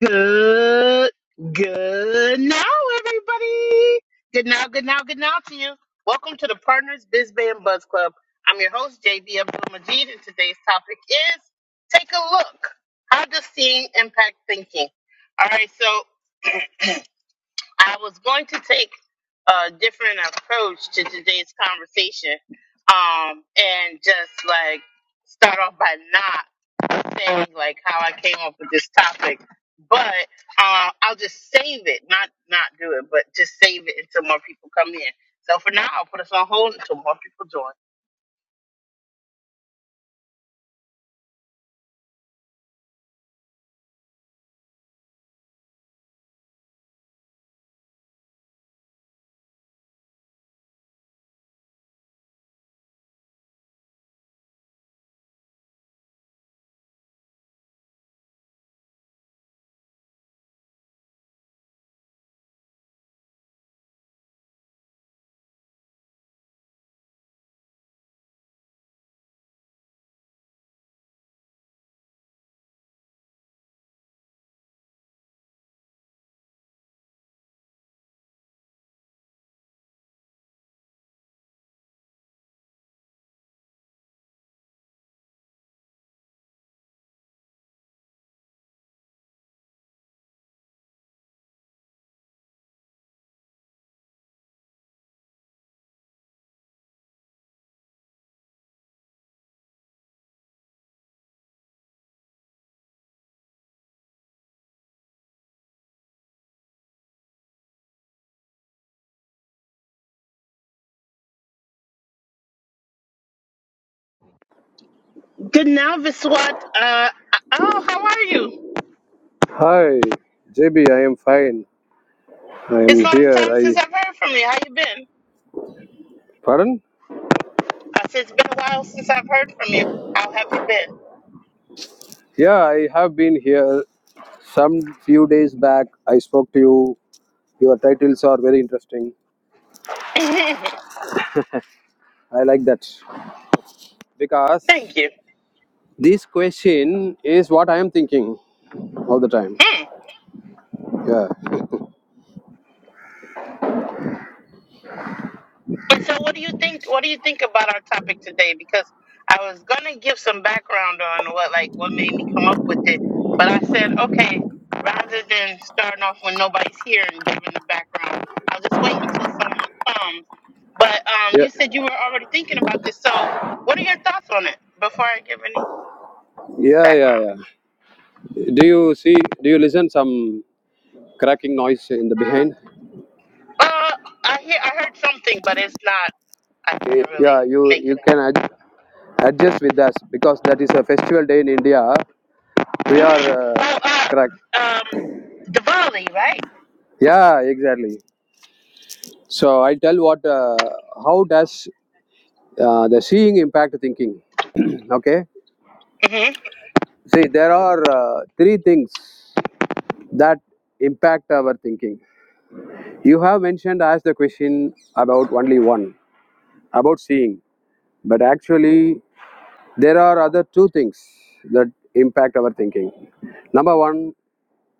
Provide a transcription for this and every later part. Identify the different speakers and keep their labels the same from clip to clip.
Speaker 1: Good, good now, everybody. Good now, good now, good now to you. Welcome to the Partners Biz Band Buzz Club. I'm your host, JB Abdul Majid, and today's topic is Take a Look. How does seeing impact thinking? All right, so I was going to take a different approach to today's conversation um, and just like start off by nod saying like how I came up with this topic, but uh, I'll just save it, not not do it, but just save it until more people come in. So for now, I'll put us on hold until more people join. Good now, Viswat. Uh, oh, how are you?
Speaker 2: Hi, JB. I am fine. I
Speaker 1: It's
Speaker 2: am
Speaker 1: a long
Speaker 2: here.
Speaker 1: time since
Speaker 2: I
Speaker 1: I've heard from you. How you been?
Speaker 2: pardon?
Speaker 1: I said it's been a while since I've heard from you. How have you
Speaker 2: Yeah, I have been here some few days back. I spoke to you. Your titles are very interesting.
Speaker 1: been?
Speaker 2: I like that because
Speaker 1: Thank you.
Speaker 2: this question is what I am thinking all the time. Yeah,
Speaker 1: And so, what do you think? What do you think about our topic today? Because I was gonna give some background on what, like, what made me come up with it, but I said, okay, rather than starting off when nobody's here and giving the background, I'll just wait until someone comes. But um,
Speaker 2: yeah,
Speaker 1: you said you were already thinking about this, so what are your thoughts on it before I give any
Speaker 2: yeah, yeah. yeah.
Speaker 1: background?
Speaker 2: Do you see? Do you listen some cracking noise in the behind?
Speaker 1: Uh, I hear I heard something, but it's not. I
Speaker 2: Eh,
Speaker 1: can't really
Speaker 2: Yeah, you
Speaker 1: make
Speaker 2: you
Speaker 1: it out.
Speaker 2: can ad- adjust with us because that is a festival day in India. We are uh,
Speaker 1: Oh, uh,
Speaker 2: crack.
Speaker 1: um, Diwali, right?
Speaker 2: Yeah, exactly. So I tell what uh, how does uh, the seeing impact thinking? Okay, see there are uh, three things that impact our thinking. You have mentioned as the question about only one about seeing, but actually there are other two things that impact our thinking. Number one,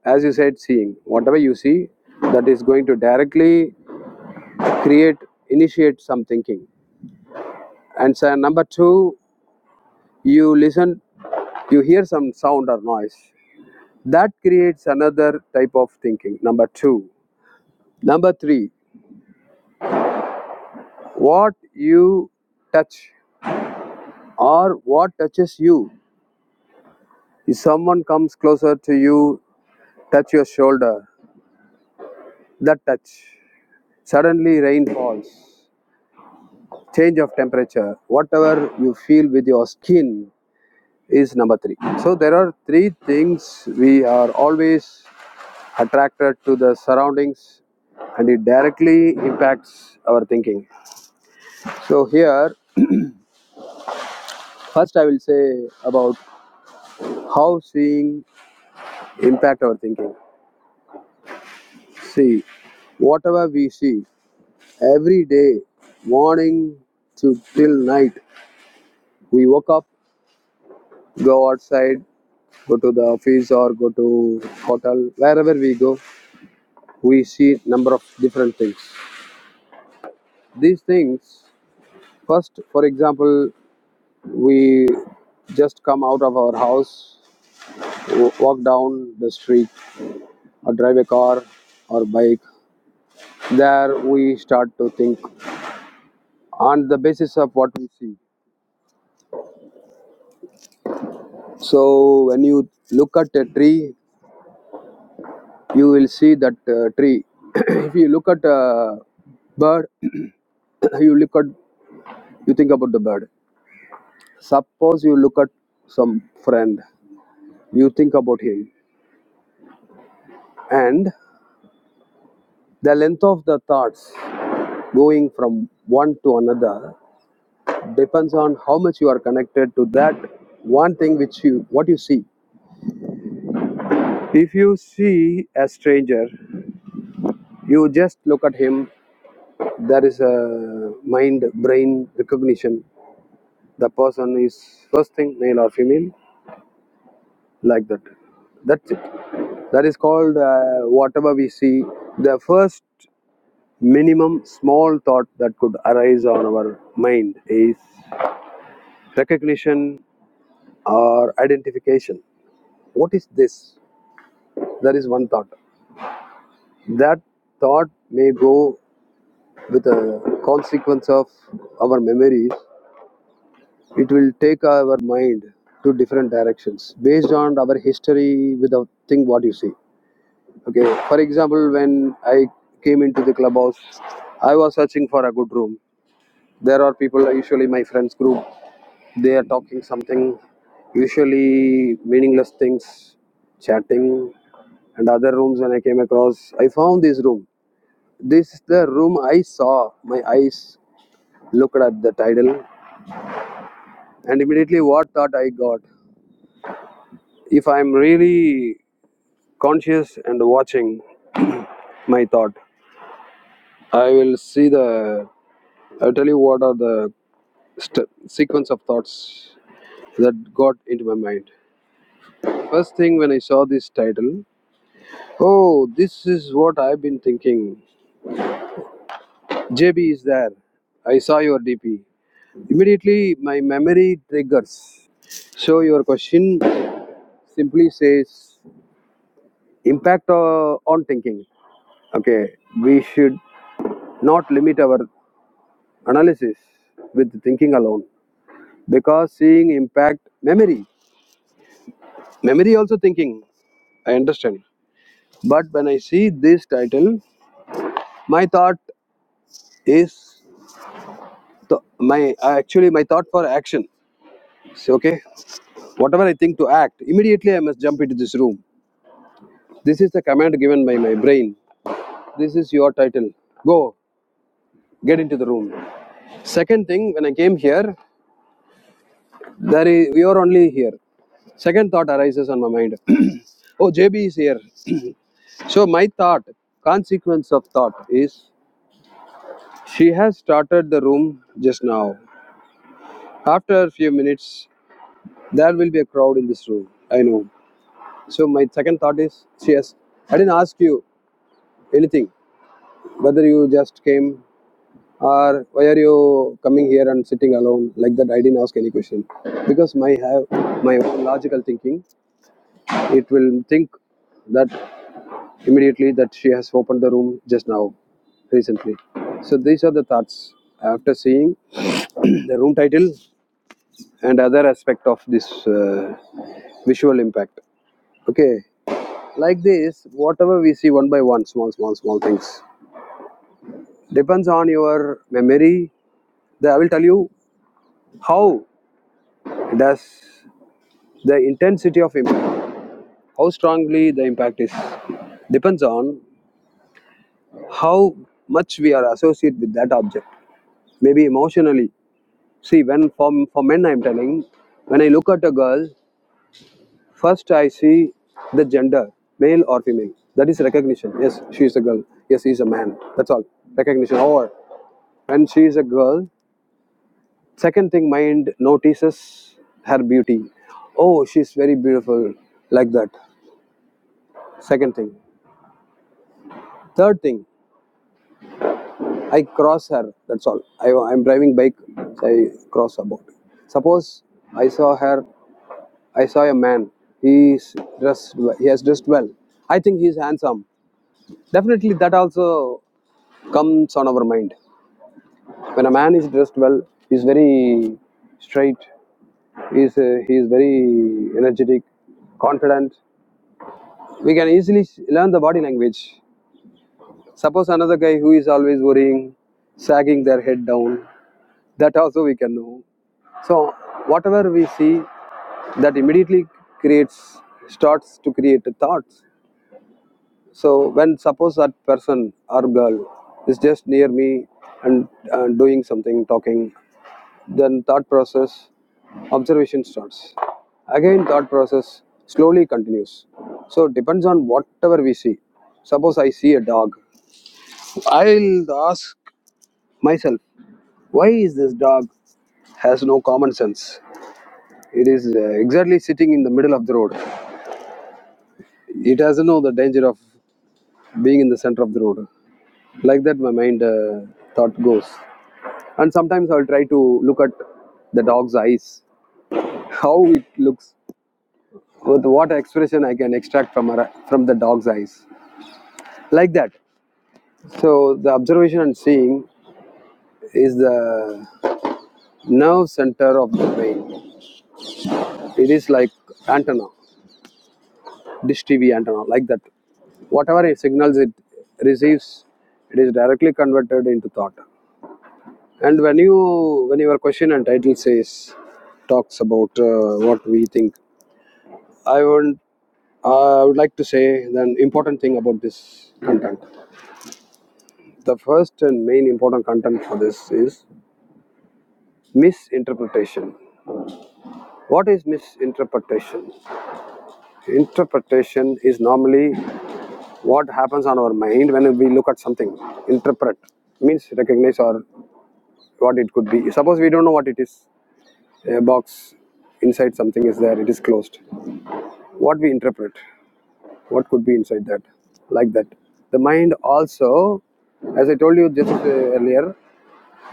Speaker 2: as you said, seeing whatever you see that is going to directly create initiate some thinking and so number two you listen you hear some sound or noise that creates another type of thinking number 2 number 3 what you touch or what touches you if someone comes closer to you touch your shoulder that touch suddenly rain falls change of temperature whatever you feel with your skin is number 3 so there are three things we are always attracted to the surroundings and it directly impacts our thinking so here first i will say about how seeing impact our thinking see whatever we see every day morning to till night we woke up go outside go to the office or go to hotel wherever we go we see number of different things these things first for example We just come out of our house, walk down the street, or drive a car or bike. There we start to think on the basis of what we see. So when you look at a tree, you will see that uh, tree. if you look at a bird, you look at you think about the bird. Suppose you look at some friend, you think about him, and the length of the thoughts going from one to another depends on how much you are connected to that one thing which you what you see if you see a stranger you just look at him there is a mind brain recognition the person is first thing male or female like that that's it that is called uh, whatever we see the first minimum small thought that could arise on our mind is recognition or identification what is this that is one thought That thought may go with a consequence of our memories. It will take our mind to different directions based on our history with the thing what you see. Okay, for example, when I came into the clubhouse, I was searching for a good room. There are people, usually my friends group, they are talking something, usually meaningless things, chatting, and other rooms. When I came across, I found this room This is the room I saw. My eyes looked at the title, and immediately what thought I got? If I'm really conscious and watching my thought, I will see the. I'll tell you what are the st- sequence of thoughts that got into my mind. First thing when I saw this title, oh, this is what I've been thinking. JB is there. I saw your DP. Immediately, my memory triggers. So your question simply says impact uh, on thinking. Okay, we should not limit our analysis with thinking alone because seeing impact memory, memory also thinking. I understand, but when I see this title, my thought is th- my uh, actually my thought for action. So, okay, whatever I think to act immediately, I must jump into this room. This is the command given by my brain. This is your title. Go, get into the room. Second thing, when I came here, there is, we are only here. Second thought arises on my mind. oh, JB is here. So my thought, consequence of thought is, she has started the room just now. After a few minutes, there will be a crowd in this room. I know. So my second thought is, she has. I didn't ask you anything. Whether you just came or why are you coming here and sitting alone like that? I didn't ask any question because my have my own logical thinking. It will think that immediately that she has opened the room just now, recently. So these are the thoughts after seeing the room title and other aspect of this uh, visual impact. Okay, like this, whatever we see one by one, small, small, small things depends on your memory. The, I will tell you how does the intensity of impact, how strongly the impact is, depends on how much we are associated with that object. maybe emotionally. See, when for, for men, I'm telling, when I look at a girl, first I see the gender, male or female. That is recognition. Yes, she is a girl. Yes, he is a man. That's all. Recognition. Or when she is a girl, second thing mind notices her beauty. Oh, she's very beautiful, like that. Second thing. Third thing, I cross her. That's all. I, I'm driving bike, so I cross about. Suppose I saw her. I saw a man. He's dressed. well. He has dressed well. I think he's handsome. Definitely, that also comes on our mind. When a man is dressed well, he's very straight. He's uh, he's very energetic, confident. We can easily learn the body language. Suppose another guy who is always worrying, sagging their head down. That also we can know. So whatever we see, that immediately creates starts to create thoughts So when suppose that person or girl is just near me and uh, doing something, talking, then thought process, observation starts. Again, thought process slowly continues. So it depends on whatever we see. Suppose I see a dog, I'll ask myself, why is this dog has no common sense? It is uh, exactly sitting in the middle of the road. It doesn't know the danger of being in the center of the road. Like that, my mind uh, thought goes. and sometimes I'll try to look at the dog's eyes, how it looks, with what expression I can extract from her, from the dog's eyes, like that. So the observation and seeing is the nerve center of the brain. It is like antenna, dish TV antenna, like that. Whatever it signals it receives, it is directly converted into thought. And when you when your question and title says talks about uh, what we think, I will I would like to say an important thing about this content. The first and main important content for this is misinterpretation. What is misinterpretation? Interpretation is normally what happens on our mind when we look at something. Interpret means recognize or what it could be. Suppose we don't know what it is. A box inside something is there, it is closed. What we interpret, what could be inside that? Like that. The mind also as I told you just uh, earlier,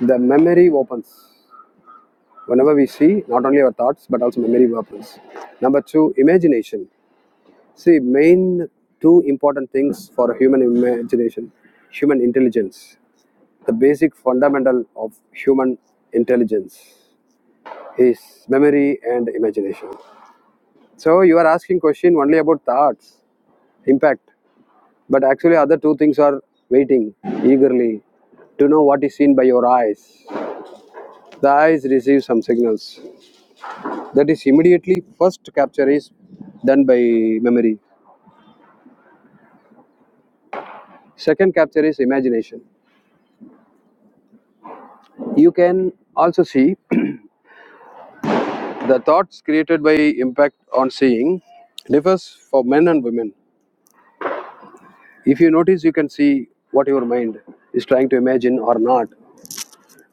Speaker 2: The memory opens. Whenever we see, not only our thoughts, but also memory opens. Number two, imagination. See, main two important things for human imagination, human intelligence. The basic fundamental of human intelligence is memory and imagination. So you are asking question only about thoughts, impact, but actually other two things are waiting eagerly to know what is seen by your eyes. The eyes receive some signals. That is immediately first capture is done by memory. Second capture is imagination. You can also see the thoughts created by impact on seeing differs for men and women. If you notice, you can see what your mind is trying to imagine or not.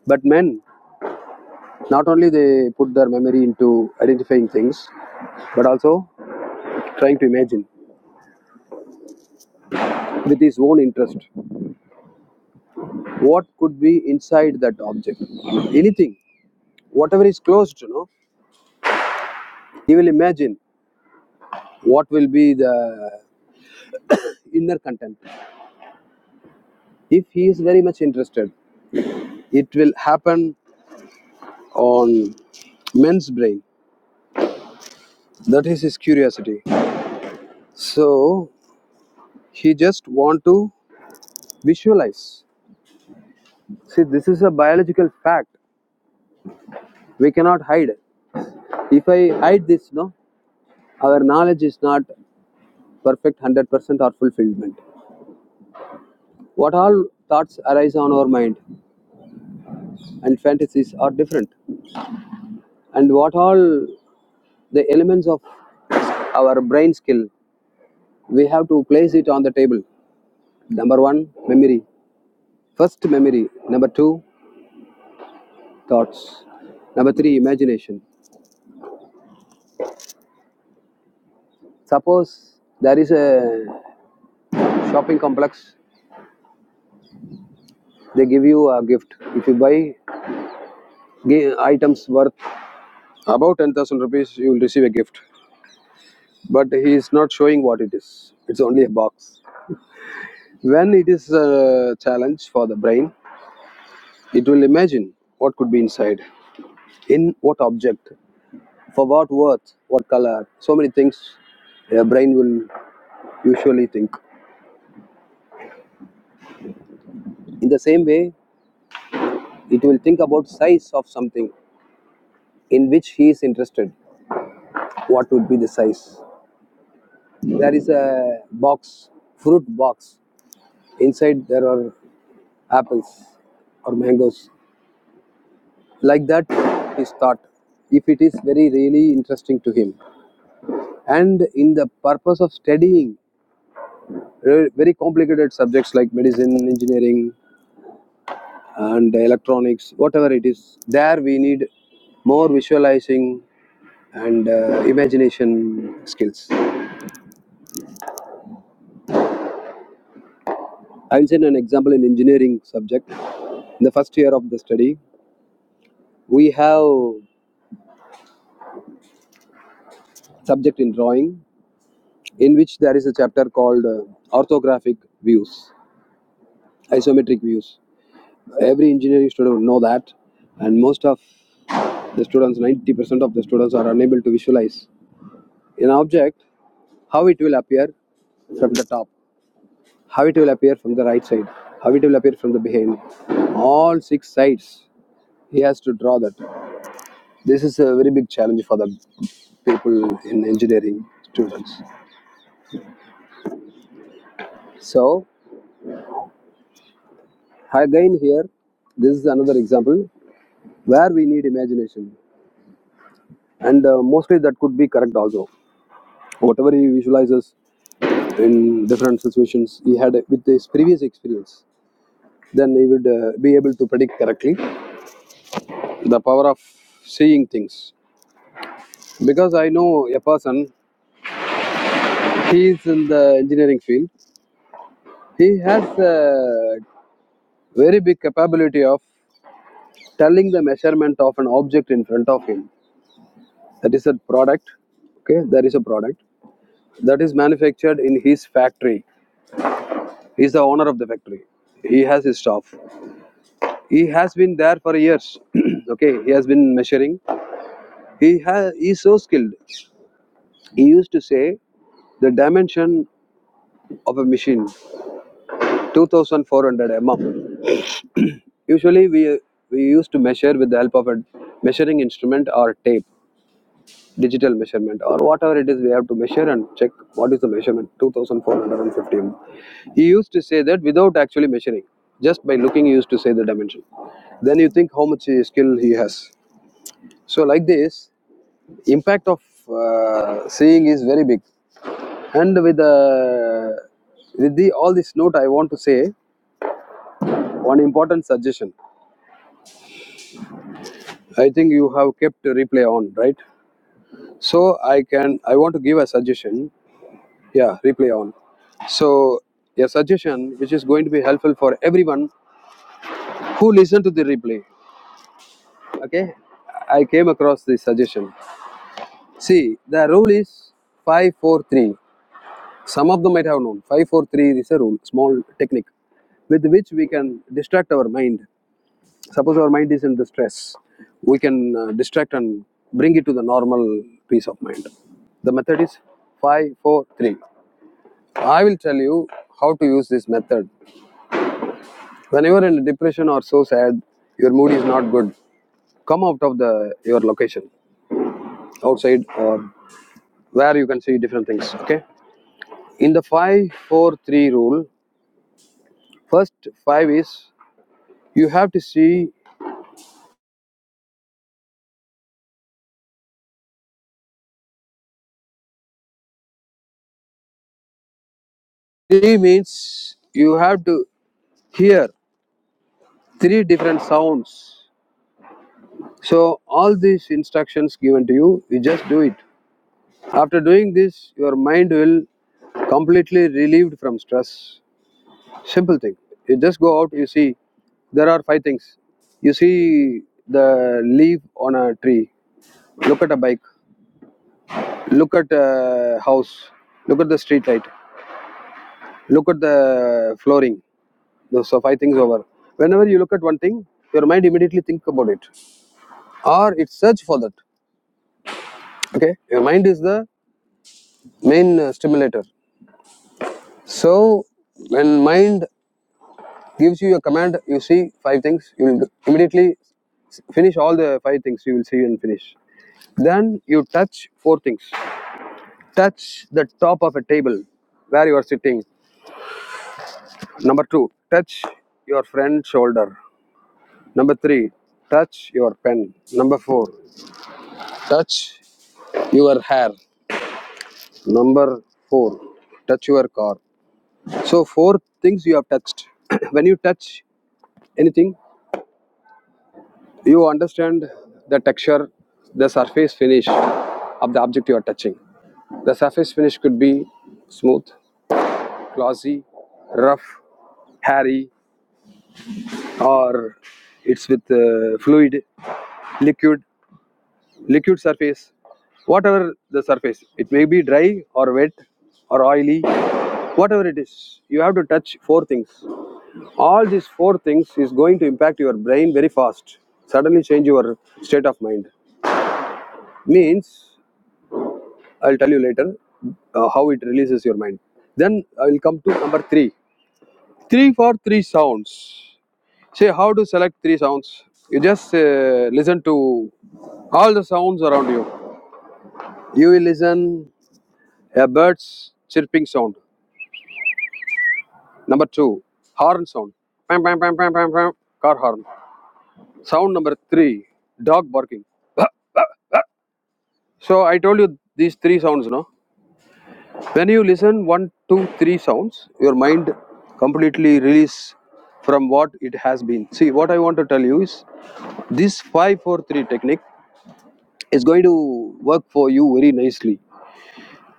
Speaker 2: But men, not only they put their memory into identifying things, but also trying to imagine with his own interest what could be inside that object. Anything whatever is closed, you know, he will imagine what will be the inner content if he is very much interested it will happen on men's brain that is his curiosity so he just want to visualize see this is a biological fact we cannot hide it. if i hide this no our knowledge is not perfect 100% or fulfillment what all thoughts arise on our mind and fantasies are different and what all the elements of our brain skill we have to place it on the table. Number one, memory. First, memory. Number two, thoughts. Number three, imagination. Suppose there is a shopping complex, they give you a gift. If you buy items worth about 10,000 rupees, you will receive a gift. But he is not showing what it is, it's only a box. When it is a challenge for the brain, it will imagine what could be inside, in what object. For what worth? What color? So many things your brain will usually think. In the same way, it will think about size of something in which he is interested. What would be the size? There is a box, fruit box. Inside there are apples or mangoes. Like that, his thought. If it is very really interesting to him, and in the purpose of studying very complicated subjects like medicine, engineering, and electronics, whatever it is. There we need more visualizing and uh, imagination skills. I will send an example in engineering subject. In the first year of the study, we have subject in drawing in which there is a chapter called uh, orthographic views, isometric views. Every engineering student would know that, and most of the students, 90% of the students, are unable to visualize an object how it will appear from the top how it will appear from the right side, how it will appear from the behind. All six sides, he has to draw that. This is a very big challenge for the people in engineering students. So, again, here, this is another example where we need imagination, and uh, mostly that could be correct also. Whatever he visualizes in different situations he had with his previous experience, then he would uh, be able to predict correctly the power of seeing things because i know a person He is in the engineering field. He has a very big capability of telling the measurement of an object in front of him. That is a product. Okay, that is a product that is manufactured in his factory. He is the owner of the factory. He has his staff. He has been there for years. okay, he has been measuring. He has. He is so skilled. He used to say the dimension of a machine 2400 mm Usually, we we used to measure with the help of a measuring instrument or tape, digital measurement or whatever it is. We have to measure and check what is the measurement. Two thousand four hundred and fifty. ohm. He used to say that without actually measuring, just by looking, he used to say the dimension. Then you think how much uh, skill he has. So like this, impact of uh, seeing is very big. And with the with the all this note, I want to say one important suggestion. I think you have kept replay on, right? So I can I want to give a suggestion. Yeah, replay on. So a suggestion which is going to be helpful for everyone who listen to the replay. Okay, I came across this suggestion. See, the rule is five four three. Some of them might have known five four three is a rule, small technique with which we can distract our mind. Suppose our mind is in distress, we can uh, distract and bring it to the normal peace of mind. The method is 543. I will tell you how to use this method. When you are in depression or so sad, your mood is not good. Come out of the your location, outside or where you can see different things. Okay. In the five four three rule, first five is you have to see. Three means you have to hear three different sounds. So all these instructions given to you, you just do it. After doing this, your mind will completely relieved from stress Simple thing. You just go out, you see, there are five things. You see the leaf on a tree, look at a bike, look at a house, look at the street light, look at the flooring. Those are five things over. Whenever you look at one thing, your mind immediately think about it or it search for that. Okay, your mind is the main uh, stimulator. So when mind gives you a command, you see five things, you will immediately finish all the five things you will see and finish Then you touch four things. Touch the top of a table where you are sitting. Number two, touch your friend's shoulder. Number three, touch your pen. Number four, touch your hair. Number four, touch your car. So, four things you have touched. when you touch anything, you understand the texture, the surface finish of the object you are touching. The surface finish could be smooth, glossy, rough, hairy, or it's with uh, fluid, liquid, liquid surface, whatever the surface. It may be dry or wet or oily, whatever it is. You have to touch four things. All these four things is going to impact your brain very fast. Suddenly change your state of mind. Means I'll tell you later uh, how it releases your mind. Then I will come to number three. Three for three sounds. See how to select three sounds. You just uh, listen to all the sounds around you. You will listen a bird's chirping sound. Number two, horn sound. Pam, pam, pam, pam, pam, pam, car horn. Sound number three, dog barking. So I told you these three sounds, no? When you listen one, two, three sounds, your mind completely release from what it has been. See, what I want to tell you is this 543 technique is going to work for you very nicely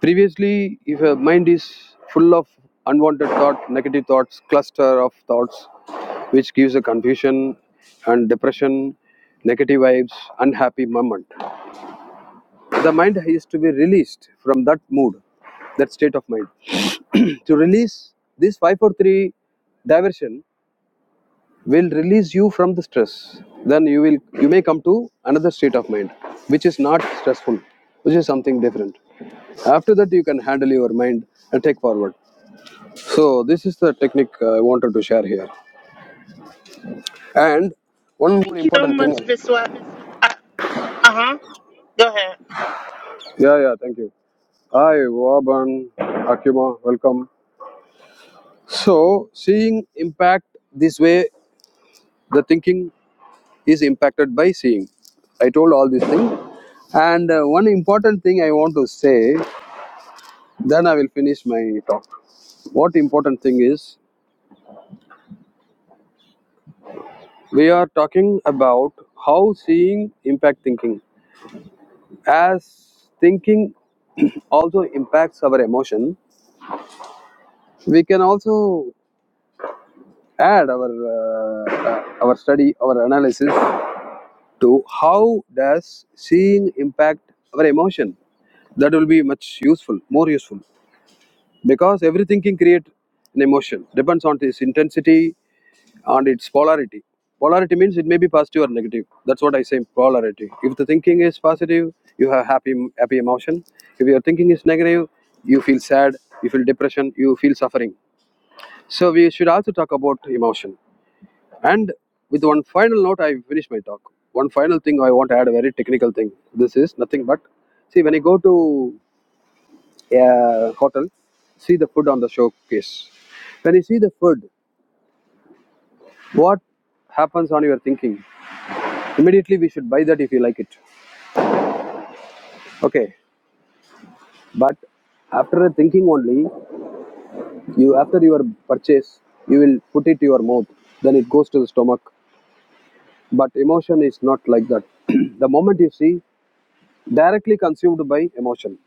Speaker 2: previously if a mind is full of unwanted thought negative thoughts cluster of thoughts which gives a confusion and depression negative vibes unhappy moment the mind is to be released from that mood that state of mind to release this 543 diversion will release you from the stress then you will you may come to another state of mind which is not stressful which is something different after that you can handle your mind and take forward so this is the technique uh, i wanted to share here and one more
Speaker 1: Thank you so
Speaker 2: important thing
Speaker 1: much, Viswat. Uh huh. Go ahead.
Speaker 2: yeah yeah thank you hi waban akima welcome so seeing impact this way the thinking is impacted by seeing. I told all these things. And uh, one important thing I want to say, then I will finish my talk. What important thing is, we are talking about how seeing impact thinking. As thinking also impacts our emotion, we can also add our uh, uh, our study, our analysis to how does seeing impact our emotion. That will be much useful, more useful because everything can create an emotion depends on its intensity and its polarity polarity means it may be positive or negative that's what i say polarity if the thinking is positive you have happy happy emotion if your thinking is negative you feel sad you feel depression you feel suffering so we should also talk about emotion and with one final note i finish my talk one final thing i want to add a very technical thing this is nothing but see when you go to a hotel, see the food on the showcase. When you see the food, what happens on your thinking? Immediately we should buy that if you like it. Okay, but after thinking only, you after your purchase, you will put it to your mouth. Then it goes to the stomach. But emotion is not like that. the moment you see, directly consumed by emotion.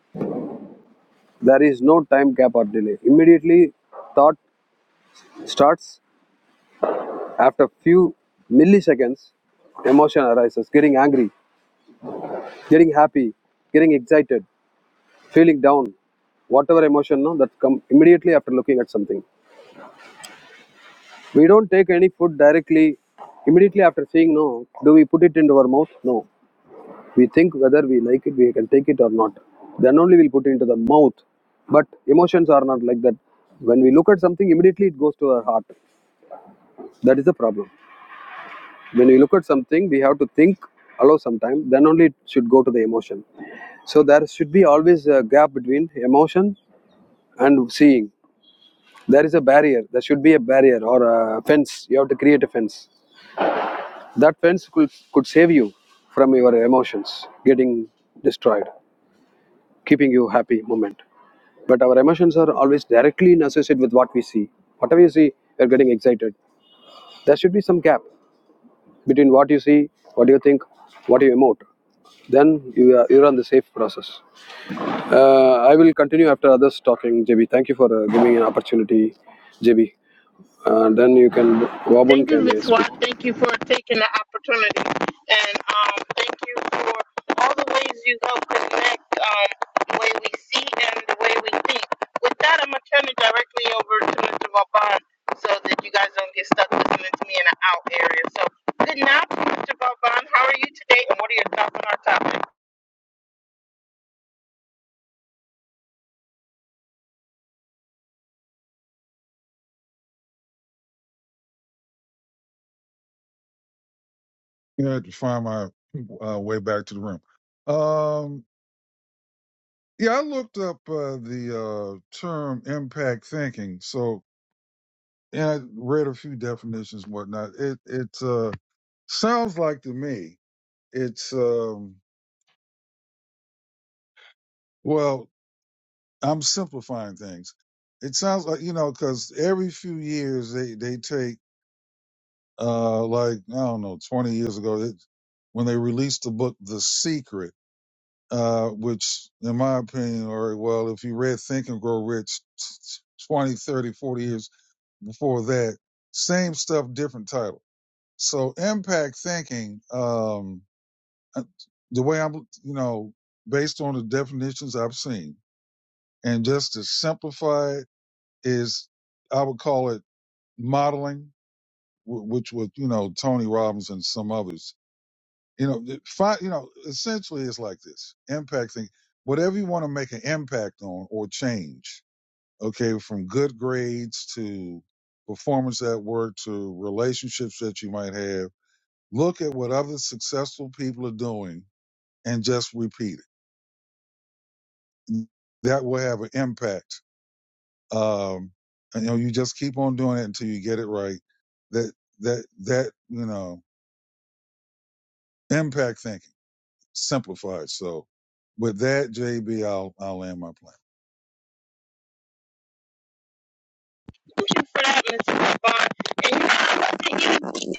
Speaker 2: There is no time gap or delay. Immediately, thought starts After few milliseconds, emotion arises, getting angry, getting happy, getting excited, feeling down, whatever emotion no, that come immediately after looking at something. We don't take any food directly immediately after seeing no. Do we put it into our mouth? No. We think whether we like it, we can take it or not. Then only we'll put it into the mouth. But emotions are not like that. When we look at something, immediately it goes to our heart. That is the problem. when we look at something we have to think allow some time then only it should go to the emotion so there should be always a gap between emotion and seeing there is a barrier there should be a barrier or a fence you have to create a fence that fence could, could save you from your emotions getting destroyed keeping you happy moment but our emotions are always directly associated with what we see whatever you see you're getting excited there should be some gap between what you see, what you think, what you emote. Then you are, you're on the safe process. Uh, I will continue after others talking, JB. Thank you for uh, giving an opportunity, JB. Uh, then you can, Wabun
Speaker 1: Thank you,
Speaker 2: can uh, speak.
Speaker 1: Viswat. Thank you for taking the opportunity, and um, thank you for all the ways you help connect um, the way we see and the way we think. With that, I'm gonna turn it directly over to Mr. Vauban so that you guys don't get stuck listening to me in an out area. So, good night, Mr. Vauban. How are you today, and what are your thoughts on our topic?
Speaker 3: Yeah, I had to find my uh, way back to the room. Um, yeah, I looked up uh, the uh, term impact thinking. So, and I read a few definitions and whatnot. It it uh, sounds like to me, it's um, well, I'm simplifying things. It sounds like you know, because every few years they they take uh, like I don't know, 20 years ago they, when they released the book The Secret uh, which in my opinion or well if you read think and grow rich 20, 30, 40 years before that same stuff different title so impact thinking um uh, the way i'm you know based on the definitions i've seen and just to simplify it is i would call it modeling which was you know tony robbins and some others You know, the fi- you know, essentially it's like this impacting whatever you want to make an impact on or change. Okay, from good grades to performance at work to relationships that you might have. Look at what other successful people are doing and just repeat it. That will have an impact. Um, and, you know, you just keep on doing it until you get it right. That that that you know impact thinking. simplified. So with that, JB, I'll I'll land my plane.
Speaker 1: Thank you for that, Mr. Vauban. And you know, I'd love to hear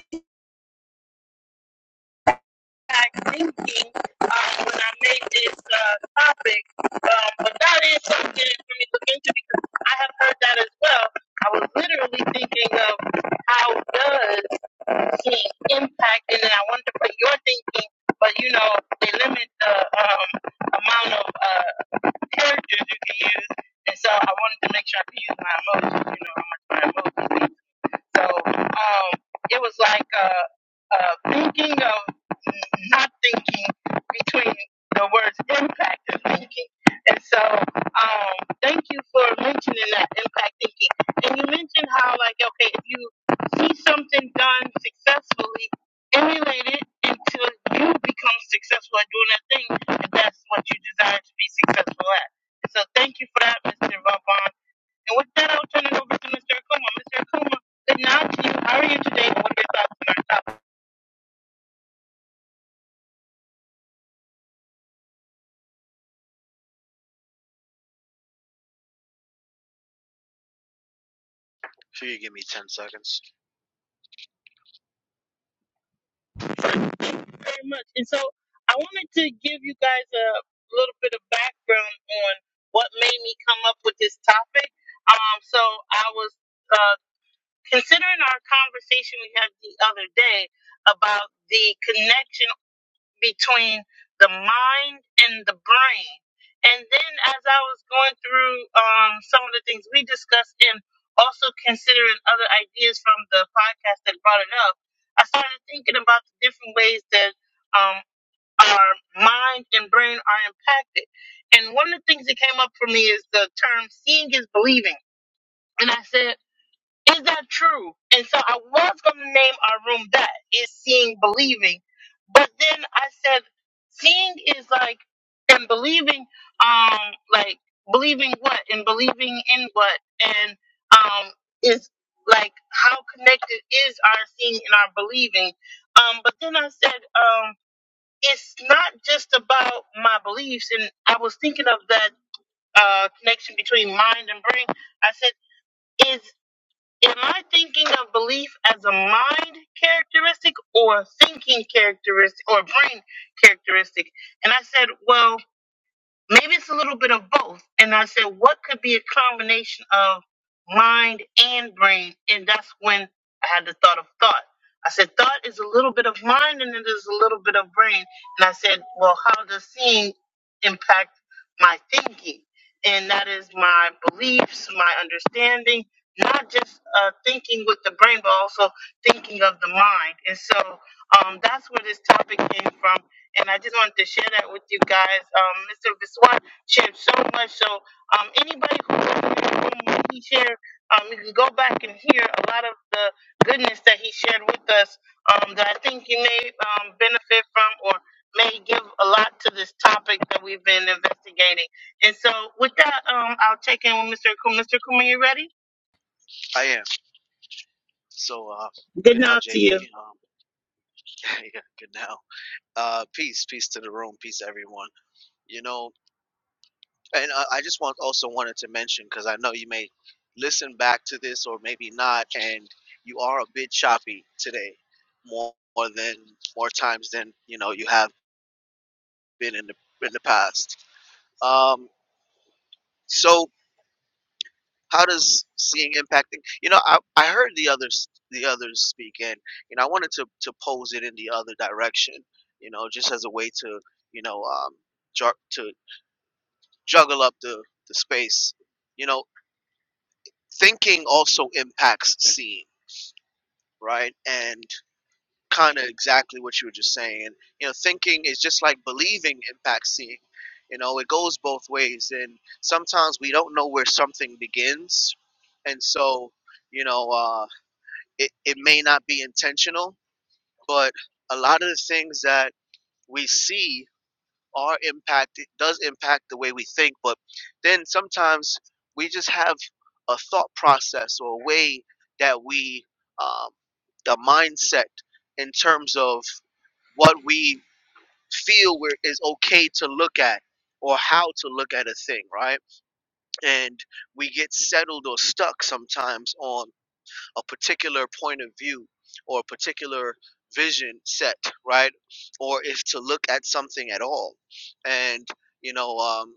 Speaker 1: back thinking um, when I made this uh, topic, um, but that is something for me to look into because I have heard that as well. I was literally thinking of how does he impact, and then I wanted to put your thinking, but you know, they limit the um, amount of uh, characters you can use, and so I wanted to make sure I could use my emojis, you know, how much my emojis. mean. So um, it was like uh, uh, thinking of not thinking between the words impact and thinking. And so um, thank you for mentioning that impact thinking. And you mentioned how, like, okay, if you see something done successfully, emulate it until you become successful at doing that thing, if that's what you desire to be successful at. So thank you for that, Mr. Vaughn. And with that, I'll turn it over to Mr. Akuma. Mr. Akuma, good night to you. How are you today? And what are your thoughts on our topic? Thank
Speaker 4: If you could give me 10 seconds.
Speaker 1: you Very much. And so I wanted to give you guys a little bit of background on what made me come up with this topic. Um, so I was uh, considering our conversation we had the other day about the connection between the mind and the brain. And then as I was going through um, some of the things we discussed and also considering other ideas from the podcast that brought it up, I started thinking about the different ways that um, our mind and brain are impacted. And one of the things that came up for me is the term seeing is believing. And I said, is that true? And so I was going to name our room that is seeing believing, but then I said seeing is like and believing, um, like believing what and believing in what and um is like how connected is our seeing and our believing. Um, but then I said um it's not just about my beliefs, and I was thinking of that uh connection between mind and brain. I said. Am I thinking of belief as a mind characteristic or a thinking characteristic or a brain characteristic? And I said, well, Maybe it's a little bit of both. And I said, what could be a combination of mind and brain? And that's when I had the thought of thought. I said, thought is a little bit of mind and it is a little bit of brain. And I said, well, how does seeing impact my thinking? And that is my beliefs, my understanding, not just uh, thinking with the brain, but also thinking of the mind. And so um, that's where this topic came from and I just wanted to share that with you guys. Um, Mr. Biswar shared so much, so um, anybody who was in the room when he shared, um, you can go back and hear a lot of the goodness that he shared with us um, that I think you may um, benefit from or may give a lot to this topic that we've been investigating. And so with that, um, I'll check in with Mr. Kuma. Mr. Kuma, you ready?
Speaker 4: I am. So, uh,
Speaker 1: Good
Speaker 4: good now,
Speaker 1: night to you.
Speaker 4: JB. Um, yeah, good now. Uh, peace, peace to the room, peace everyone. You know, and uh, I just want also wanted to mention because I know you may listen back to this or maybe not, and you are a bit choppy today, more, more than more times than you know you have been in the in the past. Um, so how does seeing impacting you know i, I heard the others the others speak and you know i wanted to to pose it in the other direction you know just as a way to you know um ju- to juggle up the the space you know thinking also impacts seeing right and kind of exactly what you were just saying you know thinking is just like believing impacts seeing you know it goes both ways and sometimes we don't know where something begins and so you know uh. it, it may not be intentional, but a lot of the things that we see are impacted does impact the way we think, but then sometimes we just have a thought process or a way that we um, the mindset in terms of what we feel we're, is okay to look at or how to look at a thing, right? And we get settled or stuck sometimes on a particular point of view or a particular vision set, right? Or if to look at something at all. And, you know, um,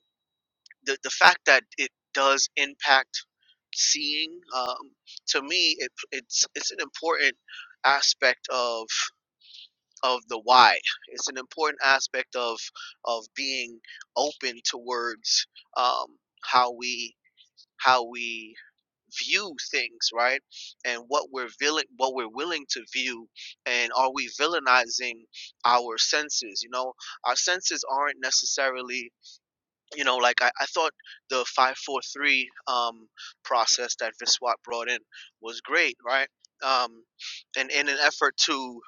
Speaker 4: the, the fact that it does impact seeing, um, to me, it, it's, it's an important aspect of of the why it's an important aspect of of being open towards um, how we how we view things, right? And what we're villi- what we're willing to view, and are we villainizing our senses? You know, our senses aren't necessarily you know, like I, I thought the five four three um process that Viswat brought in was great, right? Um and in an effort to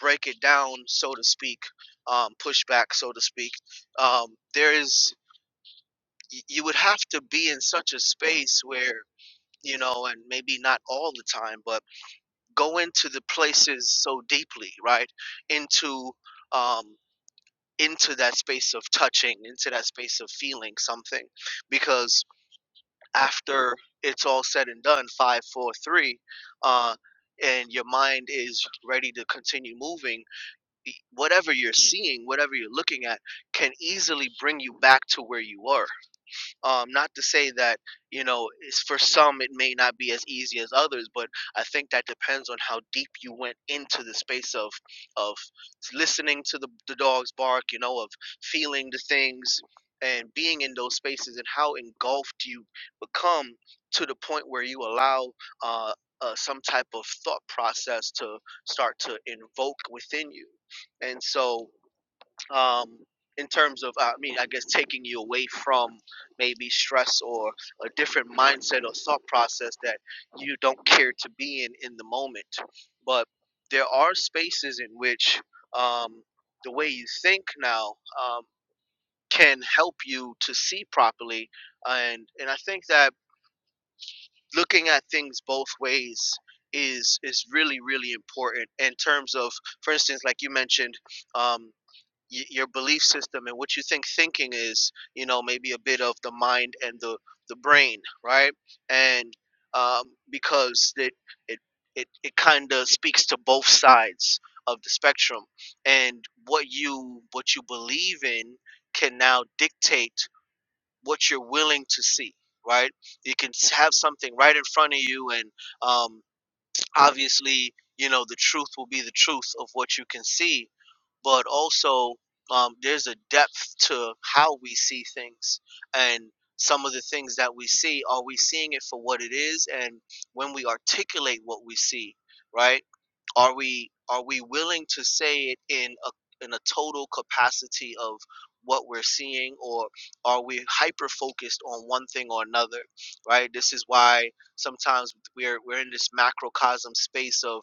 Speaker 4: break it down, so to speak, um, push back, so to speak, um, there is y- you would have to be in such a space where you know, and maybe not all the time, but go into the places so deeply, right? Into um, into that space of touching, into that space of feeling something, because after it's all said and done, five, four, three, uh, and your mind is ready to continue moving, y- whatever you're seeing, whatever you're looking at, can easily bring you back to where you were um, not to say that you know it's for some it may not be as easy as others, but I think that depends on how deep you went into the space of of listening to the the dogs bark, you know, of feeling the things and being in those spaces and how engulfed you become to the point where you allow uh, uh, some type of thought process to start to invoke within you. And so um, in terms of, I mean, I guess taking you away from maybe stress or a different mindset or thought process that you don't care to be in in the moment. But there are spaces in which um, the way you think now um, can help you to see properly, and and I think that looking at things both ways is is really really important in terms of, for instance, like you mentioned. Um, y- your belief system and what you think thinking is you know maybe a bit of the mind and the the brain right and um, because it it it, it kind of speaks to both sides of the spectrum and what you what you believe in can now dictate what you're willing to see right you can s- have something right in front of you and um, obviously, you know, the truth will be the truth of what you can see, but also um, there's a depth to how we see things. And some of the things that we see, are we seeing it for what it is? And when we articulate what we see, right? Are we are we willing to say it in a in a total capacity of what we're seeing, or are we hyper focused on one thing or another, right? This is why sometimes we're we're in this macrocosm space of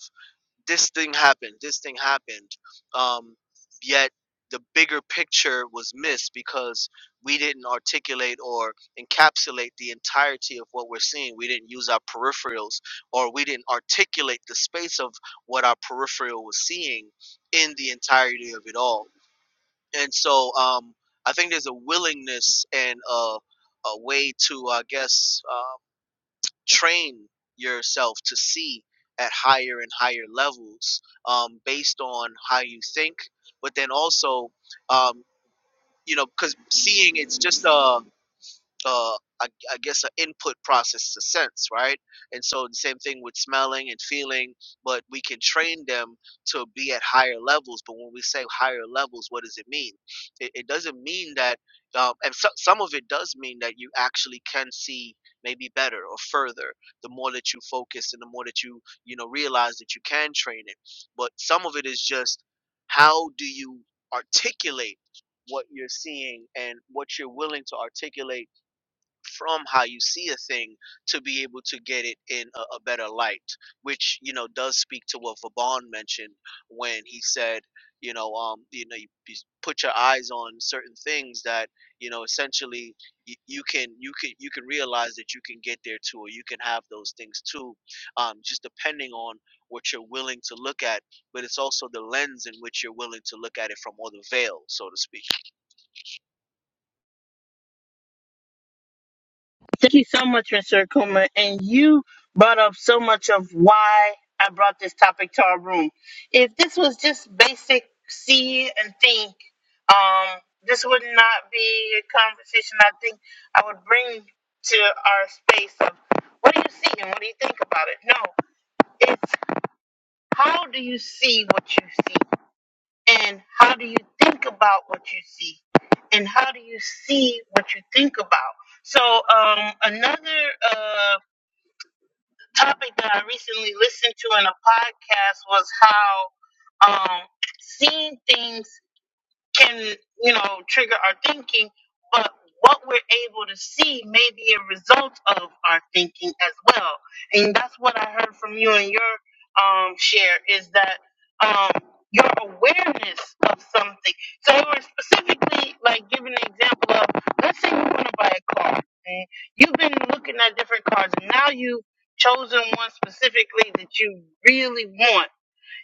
Speaker 4: this thing happened, this thing happened, um, yet the bigger picture was missed because we didn't articulate or encapsulate the entirety of what we're seeing. We didn't use our peripherals, or we didn't articulate the space of what our peripheral was seeing in the entirety of it all. And so, um, I think there's a willingness and a, a way to, I guess. uh, train yourself to see at higher and higher levels um, based on how you think but then also um, you know because seeing it's just a uh, I, I guess, an input process to sense, right? And so the same thing with smelling and feeling, but we can train them to be at higher levels. But when we say higher levels, what does it mean? It, it doesn't mean that, um, and so, some of it does mean that you actually can see maybe better or further the more that you focus and the more that you you know realize that you can train it but some of it is just how do you articulate what you're seeing and what you're willing to articulate from how you see a thing to be able to get it in a, a better light, which you know does speak to what Vaughn mentioned when he said, you know, um, you know, you, you put your eyes on certain things that you know essentially you, you can you can you can realize that you can get there too, or you can have those things too, um, just depending on what you're willing to look at, but it's also the lens in which you're willing to look at it from, or the veil, so to speak.
Speaker 1: Thank you so much, Mr. Akuma. And you brought up so much of why I brought this topic to our room. If this was just basic see and think, um, this would not be a conversation I think I would bring to our space of what do you see and what do you think about it? No, it's how do you see what you see and how do you think about what you see and how do you see what you think about? So um, another. Uh, topic that I recently listened to in a podcast was how um, seeing things can you know trigger our thinking but what we're able to see may be a result of our thinking as well and that's what i heard from you and your um share is that um your awareness of something so you were specifically like giving an example of let's say you want to buy a car and you've been looking at different cars and now you've chosen one specifically that you really want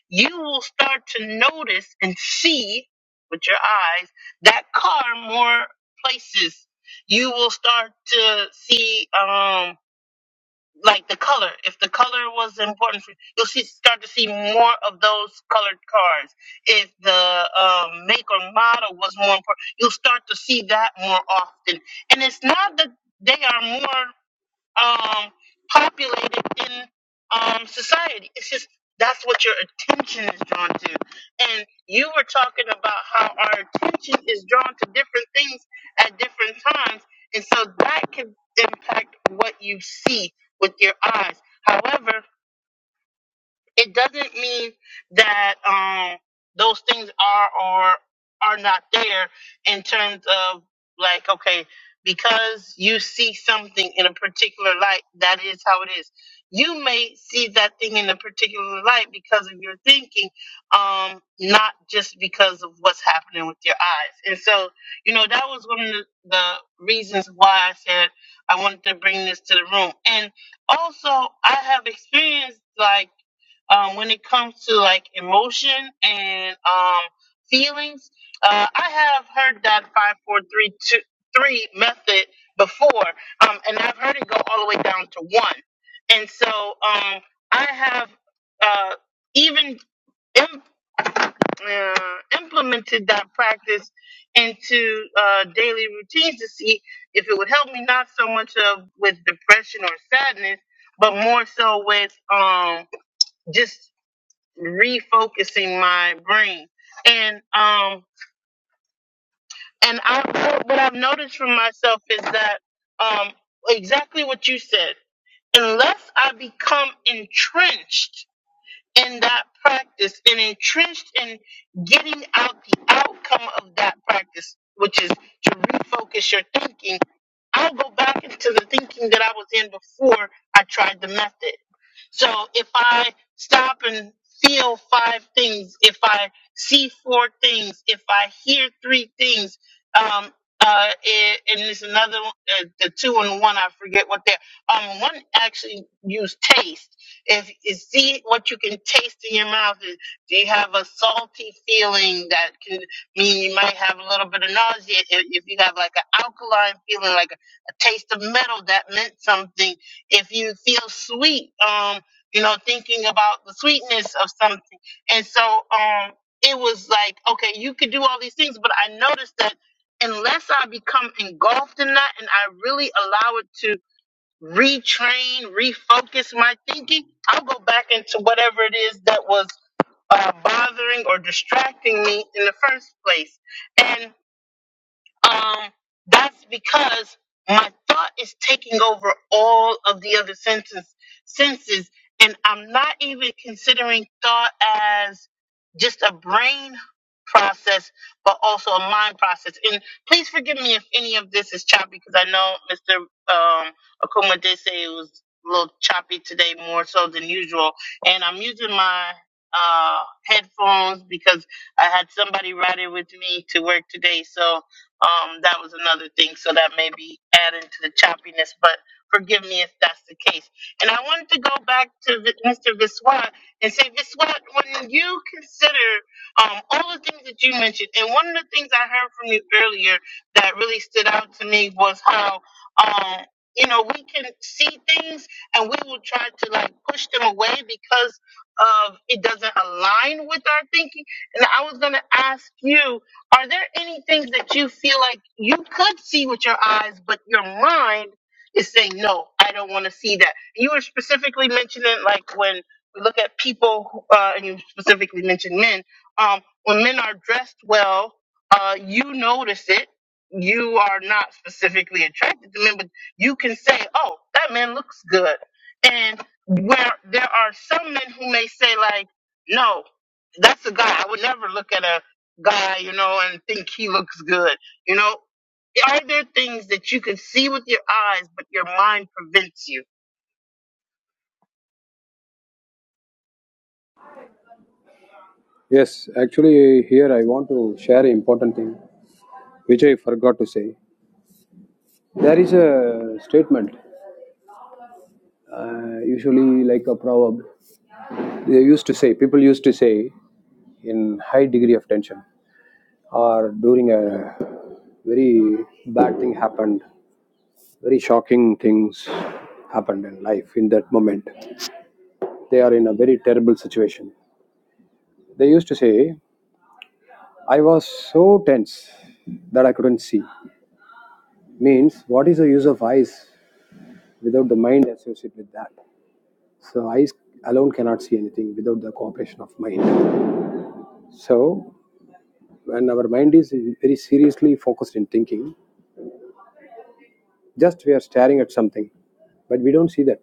Speaker 1: you will start to notice and see with your eyes that car more places. You will start to see, um, like the color. If the color was important for you, you'll see, start to see more of those colored cars. If the um, make or model was more important, you'll start to see that more often. And it's not that they are more um, populated in um, society. It's just that's what your attention is drawn to. And you were talking about how our attention is drawn to different things at different times. And so that can impact what you see with your eyes. However, it doesn't mean that um those things are or are not there in terms of like okay because you see something in a particular light that is how it is you may see that thing in a particular light because of your thinking um not just because of what's happening with your eyes and so you know that was one of the, the reasons why i said i wanted to bring this to the room and also i have experienced like um, when it comes to like emotion and um, feelings. Uh, I have heard that five, four, three, two, three method before, um, and I've heard it go all the way down to one. And so um, I have uh, even im- uh, implemented that practice into uh, daily routines to see if it would help me not so much of with depression or sadness, but more so with um, just refocusing my brain. And um and I what what I've noticed for myself is that um exactly what you said. Unless I become entrenched in that practice and entrenched in getting out the outcome of that practice, which is to refocus your thinking, I'll go back into the thinking that I was in before I tried the method. So if I stop and feel five things, if I see four things, if I hear three things, um, uh, and, and there's another one, uh, the two and one, I forget what they're, um, one actually used taste if you see what you can taste in your mouth, and do you have a salty feeling that can mean you might have a little bit of nausea? If if you have like an alkaline feeling, like a, a taste of metal that meant something. If you feel sweet, um, you know, thinking about the sweetness of something. And so, um, it was like, okay, you could do all these things, but I noticed that unless I become engulfed in that and I really allow it to retrain, refocus my thinking, I'll go back into whatever it is that was uh, bothering or distracting me in the first place. and um, that's because my thought is taking over all of the other senses, senses, and I'm not even considering thought as just a brain process, but also a mind process. And please forgive me if any of this is choppy, because I know Mr. Um, Akuma did say it was a little choppy today, more so than usual. And I'm using my uh, headphones because I had somebody riding with me to work today, so um, that was another thing, so that may be adding to the choppiness, but forgive me if that's the case. And I wanted to go back to Vi- Mr. Viswat and say, Viswat, when you consider um, all the things that you mentioned, and one of the things I heard from you earlier that really stood out to me was how, um, you know, we can see things and we will try to like push them away because of it doesn't align with our thinking. And I was going to ask you are there any things that you feel like you could see with your eyes, but your mind is saying, no, I don't want to see that? You were specifically mentioning, like, when we look at people, who- uh, and you specifically mentioned men, um, when men are dressed well, uh, you notice it. You are not specifically attracted to men, but you can say, oh, that man looks good. And where there are some men who may say, like, no, that's a guy. I would never look at a guy, you know, and think he looks good. You know, are there things that you can see with your eyes, but your mind prevents you?
Speaker 2: Yes, actually, here I want to share an important thing which I forgot to say. There is a statement, uh, usually like a proverb, they used to say, people used to say in high degree of tension or during a very bad thing happened Very shocking things happened in life in that moment. They are in a very terrible situation. They used to say, I was so tense that I couldn't see. Means, what is the use of eyes without the mind associated with that? So, eyes alone cannot see anything without the cooperation of mind. So, when our mind is very seriously focused in thinking, just we are staring at something, but we don't see that.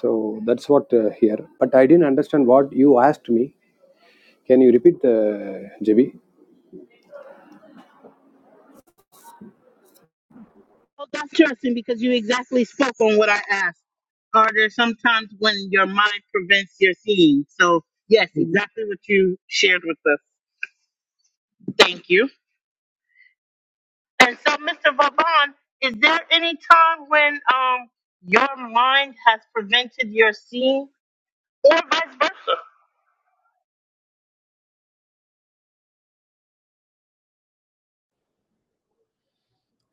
Speaker 2: So, that's what uh, here. But I didn't understand what you asked me. Can you repeat the JB?
Speaker 1: Well, that's interesting because you exactly spoke on what I asked. Are there sometimes when your mind prevents your seeing? So, yes, exactly what you shared with us. Thank you. And so, Mr. Vaban, is there any time when um your mind has prevented your seeing, or vice versa?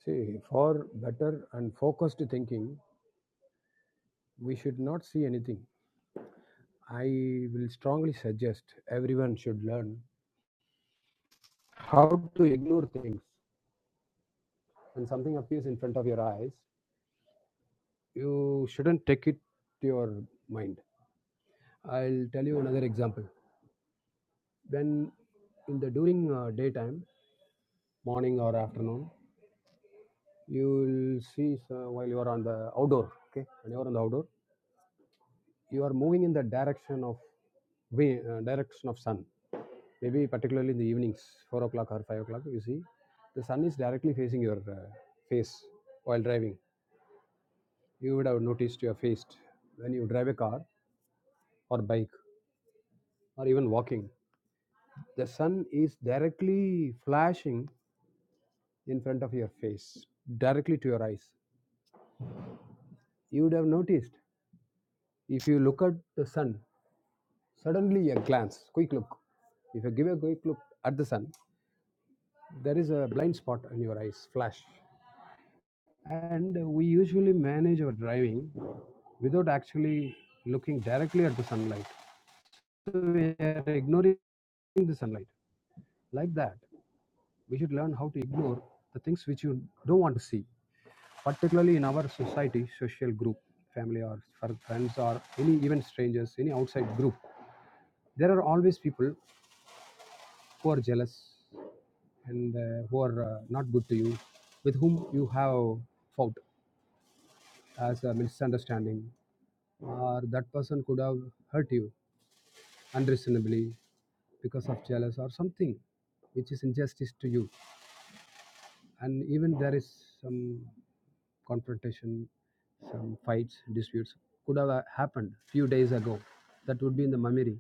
Speaker 2: See, for better and focused thinking, we should not see anything. I will strongly suggest everyone should learn how to ignore things. When something appears in front of your eyes, you shouldn't take it to your mind. I'll tell you another example. When in the during uh, daytime, morning or afternoon, you will see so while you are on the outdoor. Okay, when you are on the outdoor, you are moving in the direction of way, uh, direction of sun. Maybe particularly in the evenings, four o'clock or five o'clock, you see the sun is directly facing your uh, face while driving. You would have noticed your face when you drive a car or bike or even walking. The sun is directly flashing in front of your face, directly to your eyes. You would have noticed if you look at the sun suddenly a glance, quick look. If you give a quick look at the sun, there is a blind spot in your eyes flash and we usually manage our driving without actually looking directly at the sunlight so we are ignoring the sunlight like that we should learn how to ignore the things which you don't want to see particularly in our society social group family or fr- friends or any even strangers any outside group there are always people who are jealous and uh, who are uh, not good to you with whom you have fought as a misunderstanding or that person could have hurt you unreasonably because of jealous or something which is injustice to you and even there is some confrontation some fights disputes could have uh, happened few days ago that would be in the memory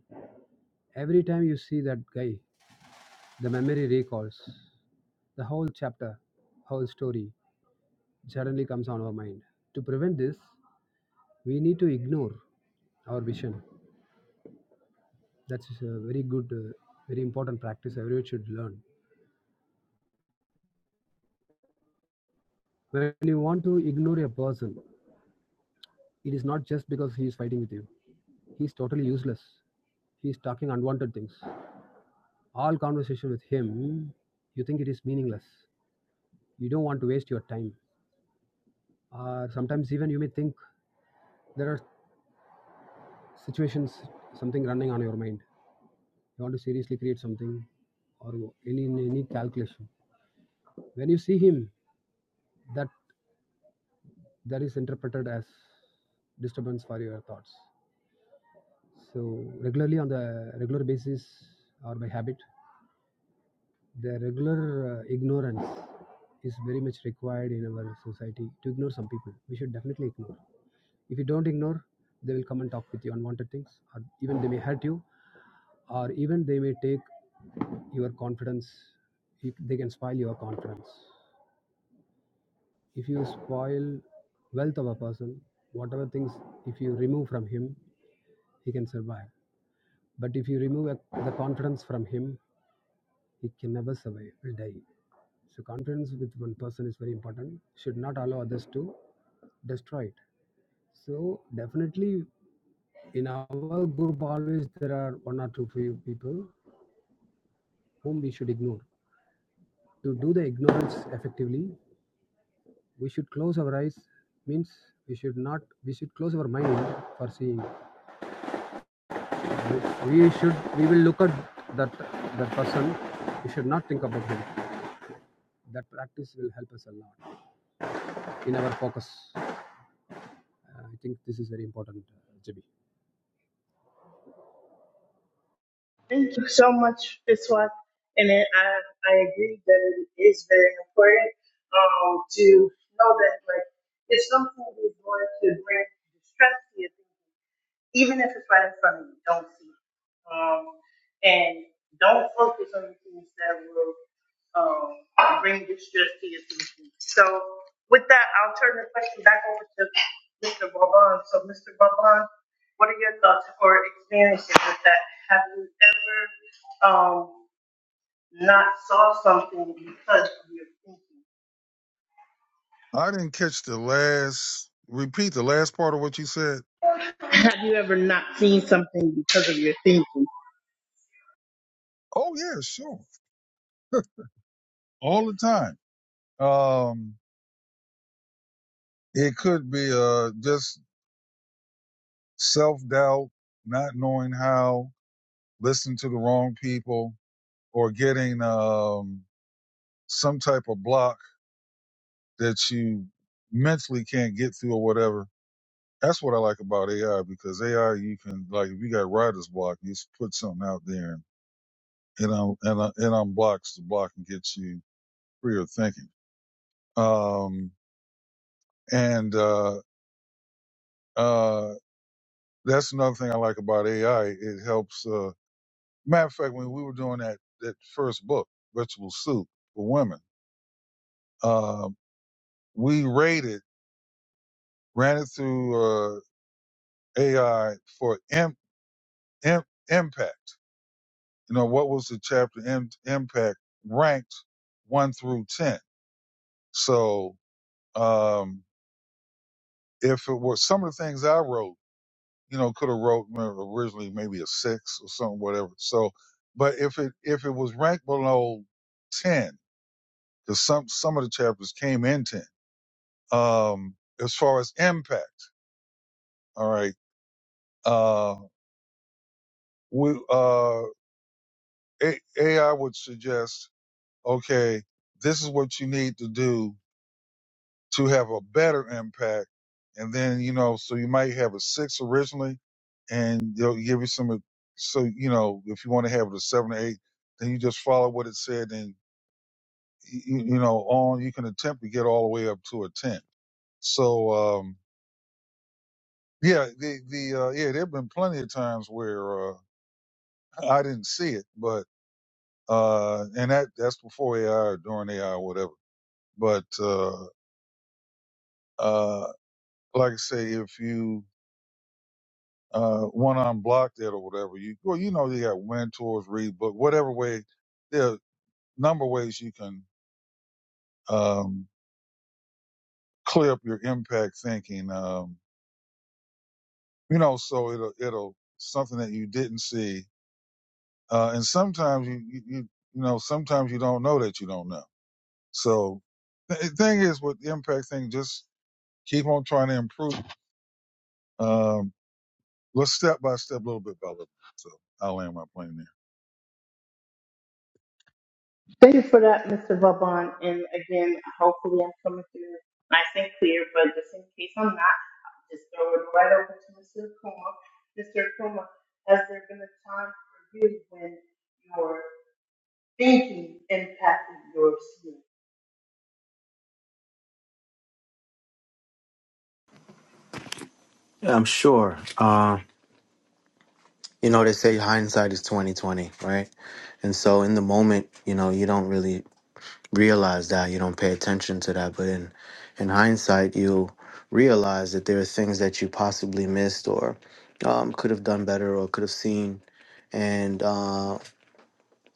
Speaker 2: every time you see that guy the memory recalls the whole chapter whole story suddenly comes on our mind to prevent this we need to ignore our vision That's a very good, uh, very important practice everyone should learn. When you want to ignore a person, it is not just because he is fighting with you. He is totally useless. He is talking unwanted things. All conversation with him, you think it is meaningless. You don't want to waste your time. Or sometimes even you may think there are situations, something running on your mind. You want to seriously create something or any any calculation. When you see him, that that is interpreted as disturbance for your thoughts. So regularly on the regular basis or by habit, the regular uh, ignorance is very much required in our society to ignore some people. We should definitely ignore. If you don't ignore, they will come and talk with you unwanted things, or even they may hurt you, or even they may take your confidence. You- They can spoil your confidence. If you spoil wealth of a person, whatever things, if you remove from him, he can survive. But if you remove the confidence from him, It can never survive, will die. So confidence with one person is very important. Should not allow others to destroy it. So definitely in our group always there are one or two few people whom we should ignore. To do the ignorance effectively, we should close our eyes means we should not we should close our mind for seeing. We we should we will look at that that person. We should not think about him. That practice will help us a lot in our focus. Uh, I think this is very important, uh, JB.
Speaker 1: Thank you so much, Biswas. And then I, I agree that it is very important um, to know that like if something is going to bring distress to you, even if it's right in front of you, don't see it. Um, and don't focus on the things that will um, bring distress to your thinking. So, with that, I'll turn the question back over to Mr. Vaughn. So, Mr. Vaughn, what are your thoughts or experiences with that? Have you ever um, not saw something because of your thinking?
Speaker 3: I didn't catch the last repeat the last part of what you said.
Speaker 1: Have you ever not seen something because of your thinking?
Speaker 3: Oh yeah, sure. All the time. Um it could be uh just self doubt, not knowing how, listening to the wrong people, or getting um some type of block that you mentally can't get through or whatever. That's what I like about AI because AI you can like if you got writer's block, you just put something out there it un, it, it unblocks the block and gets you freer thinking. Um, and uh, uh, that's another thing I like about AI. It helps. Uh, matter of fact, when we were doing that that first book, Vegetable Soup for Women, uh, we rated ran it through uh, AI for im, im, impact. You know what was the chapter im, impact ranked one through ten. So um, if it were some of the things I wrote you know, could have wrote you originally maybe a six or something, whatever. So, but if it if it was ranked below ten, because some some of the chapters came in ten. Um, as far as impact, all right, uh, we uh, A- AI would suggest, okay, this is what you need to do to have a better impact. And then, you know, so you might have a six originally and they'll give you some, uh, so, you know, if you want to have it a seven or eight, then you just follow what it said and, you, you know, on, you can attempt to get all the way up to a 10. So, um, yeah, the, the, uh, yeah, there've been plenty of times where, uh, I didn't see it, but, uh, and that, that's before AI or during AI or whatever. But, uh, uh, like I say, if you, uh, one on block that or whatever. You well, you know, you got mentors, read book, whatever way. There are a number of ways you can um, clear up your impact thinking. Um, you know, so it'll it'll something that you didn't see, uh, and sometimes you, you you you know sometimes you don't know that you don't know. So the the thing is with the impact thing, just keep on trying to improve. Um, let's step by step, little bit by little. So I'll land my plane
Speaker 1: Thank you for that, Mr. Vauban. And again, hopefully I'm coming through nice and clear, but just in case I'm not, I'll just throw it right over to Mr. Kuma. Mr. Kuma, has there been a time for you when your thinking impacted your sleep?
Speaker 4: Yeah, I'm sure. you know they say hindsight is 2020 right and so in the moment you know you don't really realize that you don't pay attention to that but in in hindsight you realize that there are things that you possibly missed or um, could have done better or could have seen and. uh,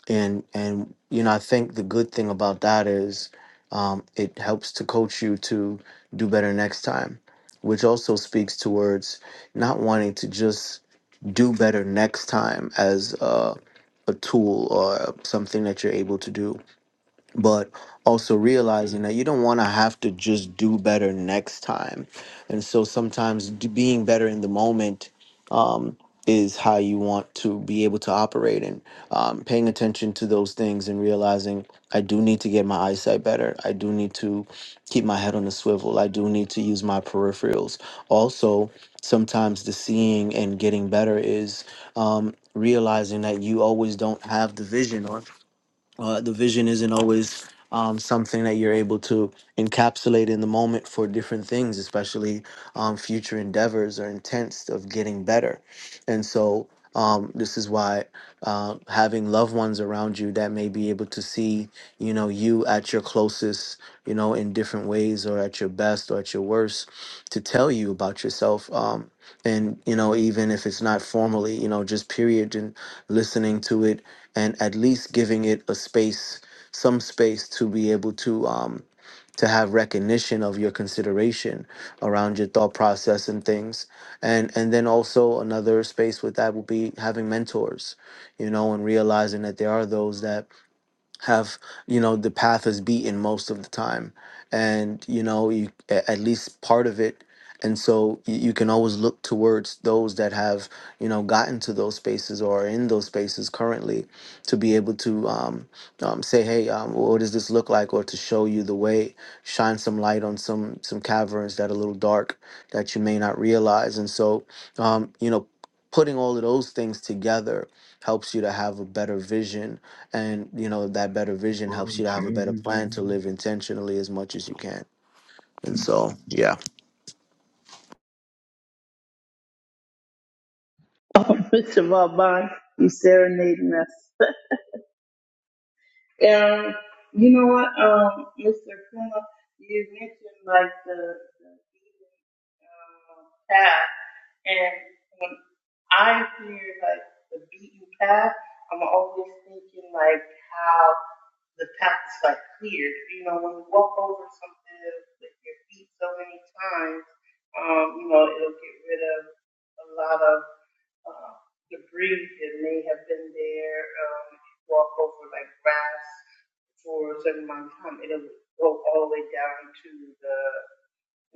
Speaker 4: and and you know i think the good thing about that is um, it helps to coach you to do better next time which also speaks towards not wanting to just do better next time as a, a tool or something that you're able to do but also realizing that you don't want to have to just do better next time. And so sometimes d- being better in the moment um, is how you want to be able to operate and um, paying attention to those things and realizing I do need to get my eyesight better. I do need to keep my head on a swivel. I do need to use my peripherals. Also, sometimes the seeing and getting better is um, realizing that you always don't have the vision uh, the vision isn't always um, something that you're able to encapsulate in the moment for different things, especially um, future endeavors or intents of getting better. And so, um, this is why uh, having loved ones around you that may be able to see, you know, you at your closest, you know, in different ways or at your best or at your worst to tell you about yourself. Um, and, you know, even if it's not formally, you know, just period and listening to it and at least giving it a space, some space to be able to um, to have recognition of your consideration around your thought process and things and and then also another space with that will be having mentors you know and realizing that there are those that have you know the path is beaten most of the time and you know you a- at least part of it and so y- you can always look towards those that have you know gotten to those spaces or are in those spaces currently to be able to um, um, say hey um, what does this look like or to show you the way shine some light on some some caverns that are a little dark that you may not realize and so um, you know putting all of those things together helps you to have a better vision and you know that better vision helps you to have a
Speaker 3: there.
Speaker 4: better plan to live intentionally as much as you can and so
Speaker 3: Okay.
Speaker 4: yeah
Speaker 1: Oh, Mr. Vauban, you serenading us. Um, you know what, um, Mr. Kuma, you mentioned like the, the heathen um, path, and when I hear like the beaten path, I'm always thinking like how the path is like cleared. You know, when you walk over something with your feet so many times, um, you know, it'll get rid of a lot of uh, debris that may have been there, um, walk over like grass for a certain amount of time. It'll go all the way down to the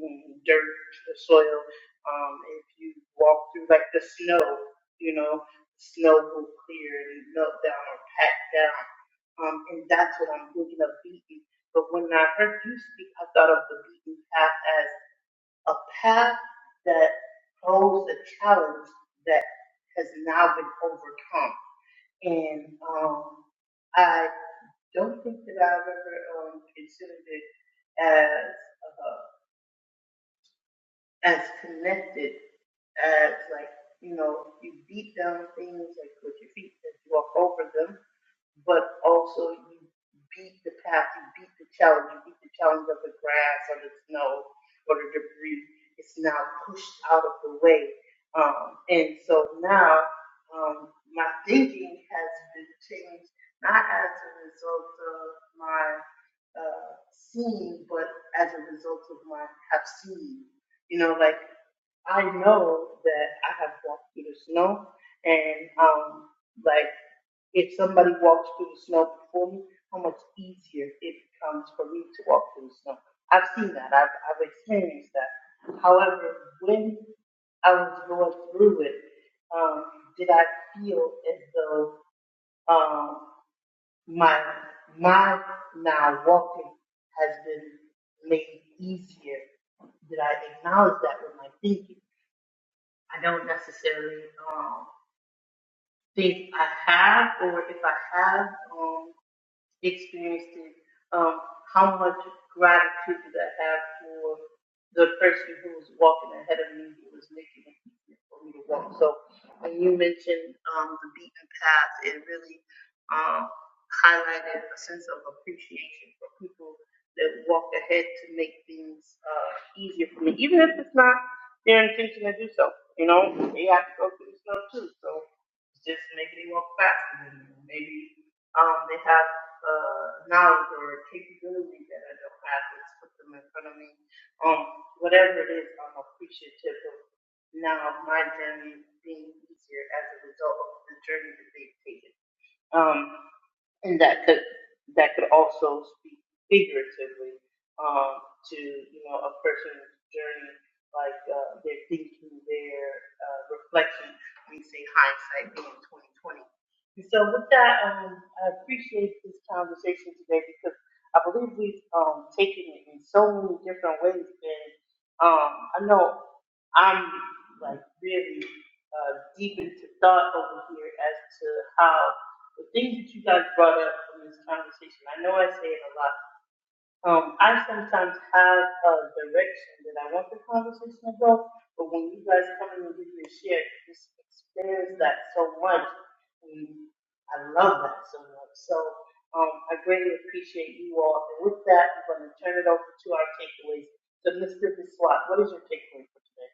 Speaker 1: mm, dirt, the soil. Um, if you walk through like the snow, you know, snow will clear and melt down or pack down. Um, and that's what I'm thinking of beaten. But when I heard you speak, I thought of the beaten path as a path that holds a challenge that has now been overcome. And um, I don't think that I've ever um, considered it as uh, as connected as like you know you beat down things like with your feet as you walk over them but also you beat the path, you beat the challenge, you beat the challenge of the grass or the snow or the debris. It's now pushed out of the way. Um, and so now um, my thinking has been changed, not as a result of my uh, seeing, but as a result of my have seen. You know, like I know that I have walked through the snow, and um, like if somebody walks through the snow before me, how much easier it becomes for me to walk through the snow. I've seen that. I've, I've experienced that. However, when I was going through it, um, did I feel as though um, my my now walking has been made easier? Did I acknowledge that with my thinking? I don't necessarily um, think I have, or if I have. Um, experiencing um, how much gratitude did I have for the person who was walking ahead of me, who was making it easier for me to walk. So when you mentioned um, the beaten path, it really um, highlighted a sense of appreciation for people that walk ahead to make things uh, easier for me, even if it's not their intention to do so. You know, they have to go through the snow too, so just maybe they walk faster than you. Maybe um, they have uh, knowledge or capability that I don't have, just put them in front of me. Um, whatever it is, I'm appreciative of now my journey being easier as a result of the journey that they've taken. Um, and that could that could also speak figuratively um, to you know a person's journey, like uh, their thinking, their uh, reflection. We say hindsight being twenty twenty. And so with that, um, I appreciate this conversation today because I believe we've um, taken it in so many different ways, and um, I know I'm like really uh, deep into thought over here as to how the things that you guys brought up from this conversation, I know I say it a lot. Um, I sometimes have a direction that I want the conversation to go, but when you guys come in and give me a share, it just expands that so much. And I love that so much. So um, I greatly appreciate you all. And with that, I'm going to turn it over to our takeaways. So, Mr. Biswat, what is your takeaway for today?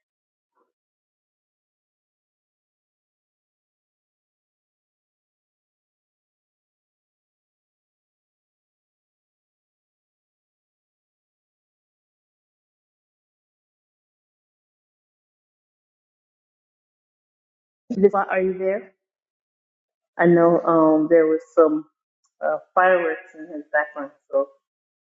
Speaker 1: Biswat, are you there? I know um, there was some uh, fireworks in his background, so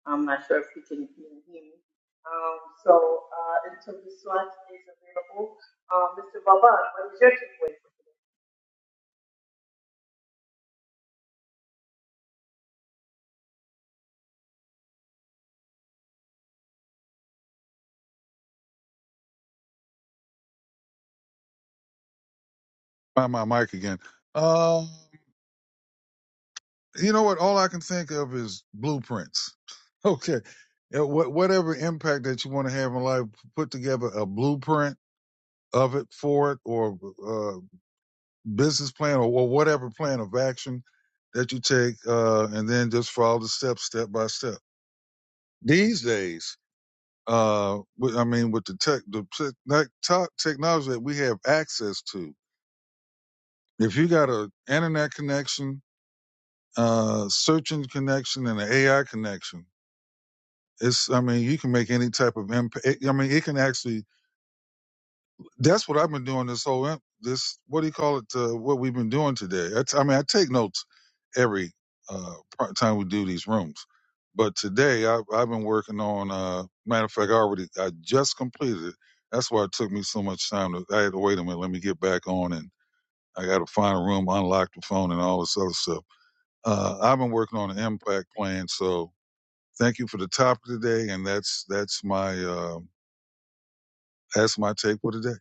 Speaker 1: I'm not sure if you can even hear me. Um, so uh, until this one is available, uh, Mr. Vauban, what is your takeaway for today?
Speaker 3: By my mic again. Um, you know what? All I can think of is blueprints. Okay. Yeah, wha- Whatever impact that you want to have in life, put together a blueprint of it for it or uh, business plan or, or whatever plan of action that you take, uh, and then just follow the steps step by step. These days, uh, with- I mean, with the tech, the tech, tech technology that we have access to, if you got a internet connection uh, search engine connection and an AI connection. It's, I mean, you can make any type of impact. I mean, it can actually. That's what I've been doing this whole imp- this. What do you call it? Uh, what we've been doing today. I, t- I mean, I take notes every uh, part- time we do these rooms, but today I, I've been working on. Uh, matter of fact, I already I just completed it. That's why it took me so much time. To, I had to wait a minute. Let me get back on, and I got to find a room, unlock the phone, and all this other stuff. Uh, I've been working on an impact plan, so Thank you for the topic today, and that's that's my uh, that's my take for today.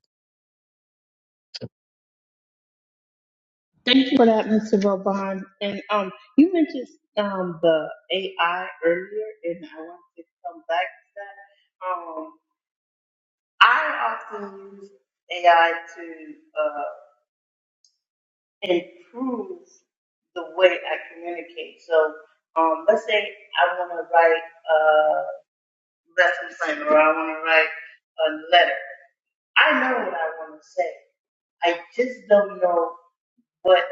Speaker 1: Thank you for that, Mr. Vauban. And um, you mentioned um, the AI earlier, and I want to come back to that. Um, I often use AI to uh, improve the way I communicate. So um, let's say I want to write. uh, That's what I'm saying. Or I want to write a letter. I know what I want to say. I just don't know what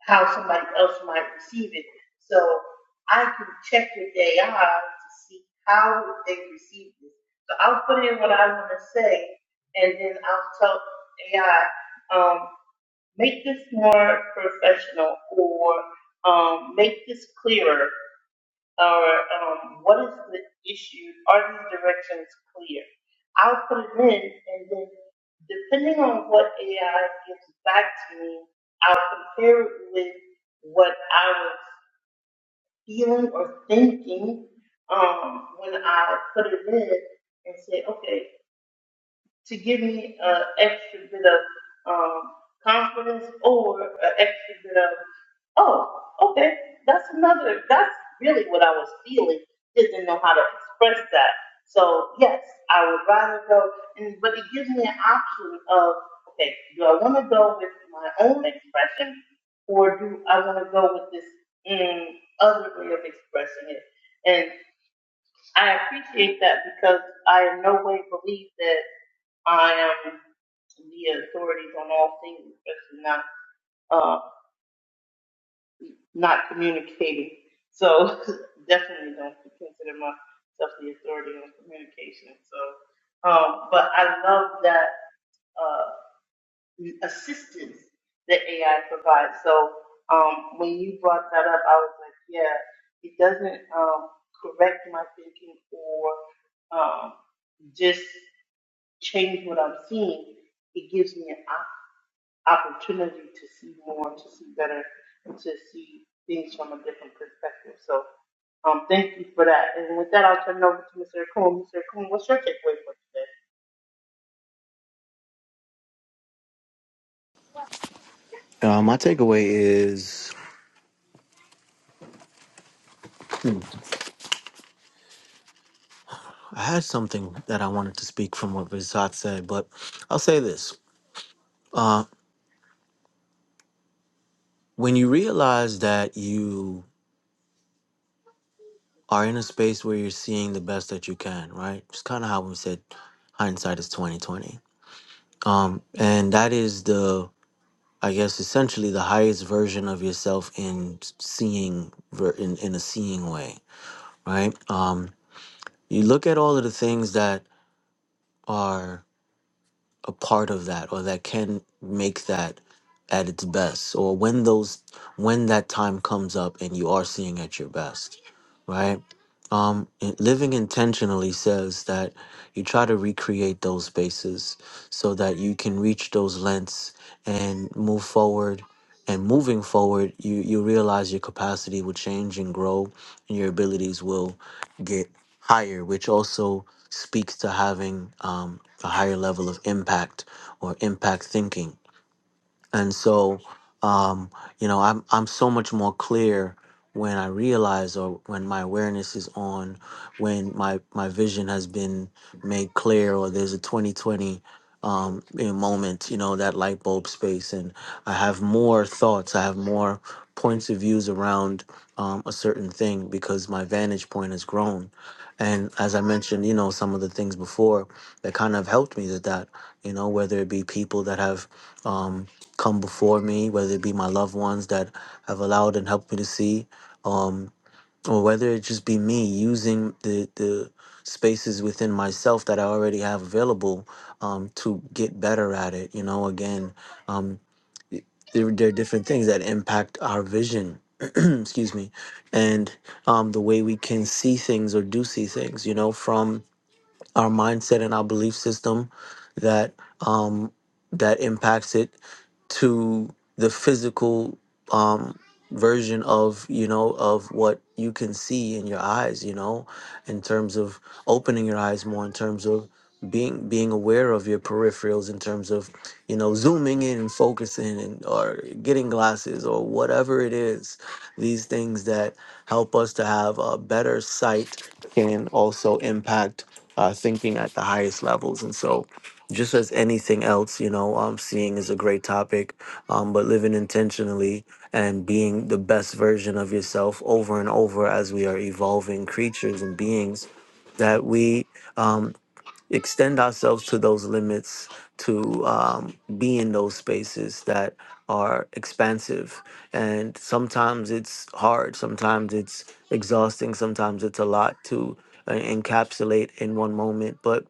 Speaker 1: how somebody else might receive it. So I can check with AI to see how they receive this. So I'll put in what I want to say, and then I'll tell AI, um, make this more professional, or um, make this clearer, or um, what is the issue? Are these directions clear? I'll put it in, and then depending on what AI gives back to me, I'll compare it with what I was feeling or thinking um, when I put it in, and say, okay, to give me an extra bit of um, confidence or an extra bit of oh, okay, that's another, that's really what I was feeling. Just Didn't know how to express that. So, yes, I would rather go, and but it gives me an option of, okay, do I want to go with my own expression or do I want to go with this mm, other way of expressing it? And I appreciate that because I in no way believe that I am the authorities on all things, especially not. uh, not communicating. So definitely don't consider myself the authority on communication. So, um, but I love that uh, assistance that AI provides. So um, when you brought that up, I was like, yeah, it doesn't um, correct my thinking or um, just change what I'm seeing. It gives me an opportunity to see more, to see better, and to see things from a different perspective. So um, thank you for that. And with that, I'll turn it over to Mr. Akun. Mr. Akun, what's your takeaway for today?
Speaker 4: uh, my takeaway is i had something that i wanted to speak from what visat said but i'll say this uh, when you realize that you are in a space where you're seeing the best that you can right it's kind of how we said hindsight is 2020 um, and that is the i guess essentially the highest version of yourself in seeing ver- in, in a seeing way right? Um, you look at all of the things that are a part of that or that can make that at its best or when those when that time comes up and you are seeing at your best right um and living intentionally says that you try to recreate those spaces so that you can reach those lengths and move forward and moving forward you you realize your capacity will change and grow and your abilities will get higher which also speaks to having um a higher level of impact or impact thinking and so um, you know I'm I'm so much more clear when I realize or when my awareness is on when my my vision has been made clear or there's a 2020 um, you know, moment you know that light bulb space and I have more thoughts I have more points of views around um, a certain thing because my vantage point has grown and as I mentioned you know some of the things before that kind of helped me with that you know whether it be people that have um come before me, whether it be my loved ones that have allowed and helped me to see, um, or whether it just be me using the the spaces within myself that I already have available um, to get better at it. You know, again, um, there, there are different things that impact our vision. excuse me and um, the way we can see things or do see things you know from our mindset and our belief system that um, that impacts it to the physical um, version of you know of what you can see in your eyes you know in terms of opening your eyes more in terms of being being aware of your peripherals in terms of you know zooming in and focusing and or getting glasses or whatever it is these things that help us to have a better sight can also impact uh, thinking at the highest levels. And so, just as anything else, you know, um, seeing is a great topic, um, but living intentionally and being the best version of yourself over and over as we are evolving creatures and beings that we. Um, extend ourselves to those limits to um, be in those spaces that are expansive and sometimes it's hard sometimes it's exhausting sometimes it's a lot to uh, encapsulate in one moment but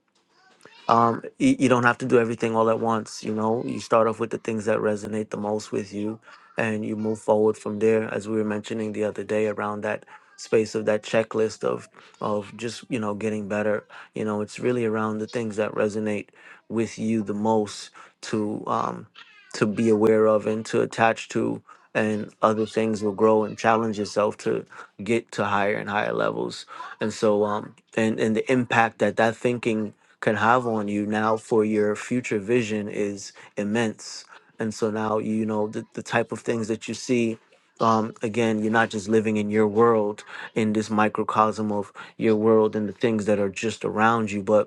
Speaker 4: um, you, you don't have to do everything all at once. You know, you start off with the things that resonate the most with you, and you move forward from there. As we were mentioning the other day, around that space of that checklist of of just you know getting better. You know, it's really around the things that resonate with you the most to um, to be aware of and to attach to. And other things will grow and challenge yourself to get to higher and higher levels. And so, um, and, and the impact that that thinking can have on you now for your future vision is immense. And so now, you know, the, the type of things that you see, um, again, you're not just living in your world, in this microcosm of your world and the things that are just around you, but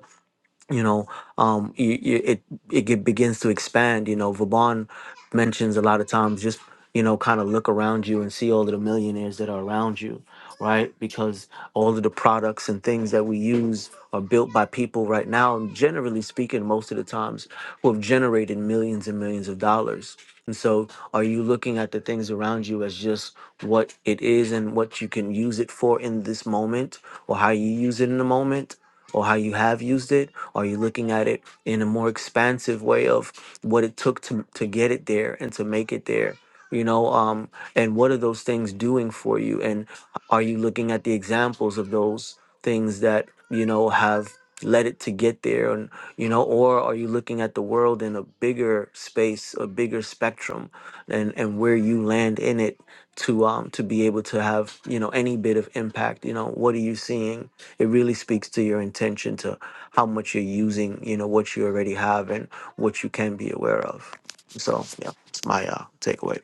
Speaker 4: you know um you, you, it it get, begins to expand you know vaban mentions a lot of times just you know kind of look around you and see all of the millionaires that are around you right because all of the products and things that we use are built by people right now generally speaking most of the times who have generated millions and millions of dollars and so are you looking at the things around you as just what it is and what you can use it for in this moment or how you use it in the moment or how you have used it are you looking at it in a more expansive way of what it took to to get it there and to make it there? You know, um, and what are those things doing for you? And are you looking at the examples of those things that you know have led it to get there and you know or are you looking at the world in a bigger space a bigger spectrum and and where you land in it to um to be able to have you know any bit of impact you know what are you seeing it really speaks to your intention to how much you're using, you know, what you already have and what you can be aware of. So yeah, it's my uh, takeaway.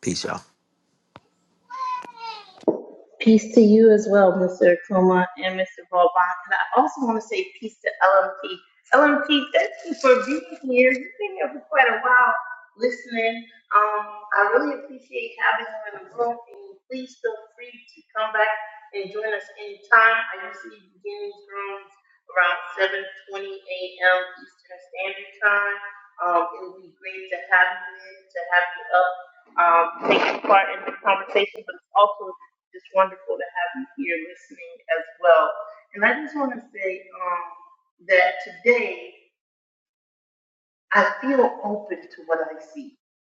Speaker 4: Peace, y'all.
Speaker 1: Peace to you as well, Mr. Akuma and Mr. Vauban. And I also want to say peace to LMT. LMT, thank you for being here. You've been here for quite a while listening. Um, I really appreciate having you in the room. And please feel free to come back and join us anytime. I usually begin these rooms around 7.20 a.m. Eastern Standard Time. Um, it would be great to have you in, to have you up um, taking part in the conversation, but it's also it's wonderful to have you here listening as well. And I just want to say um, that today I feel open to what I see.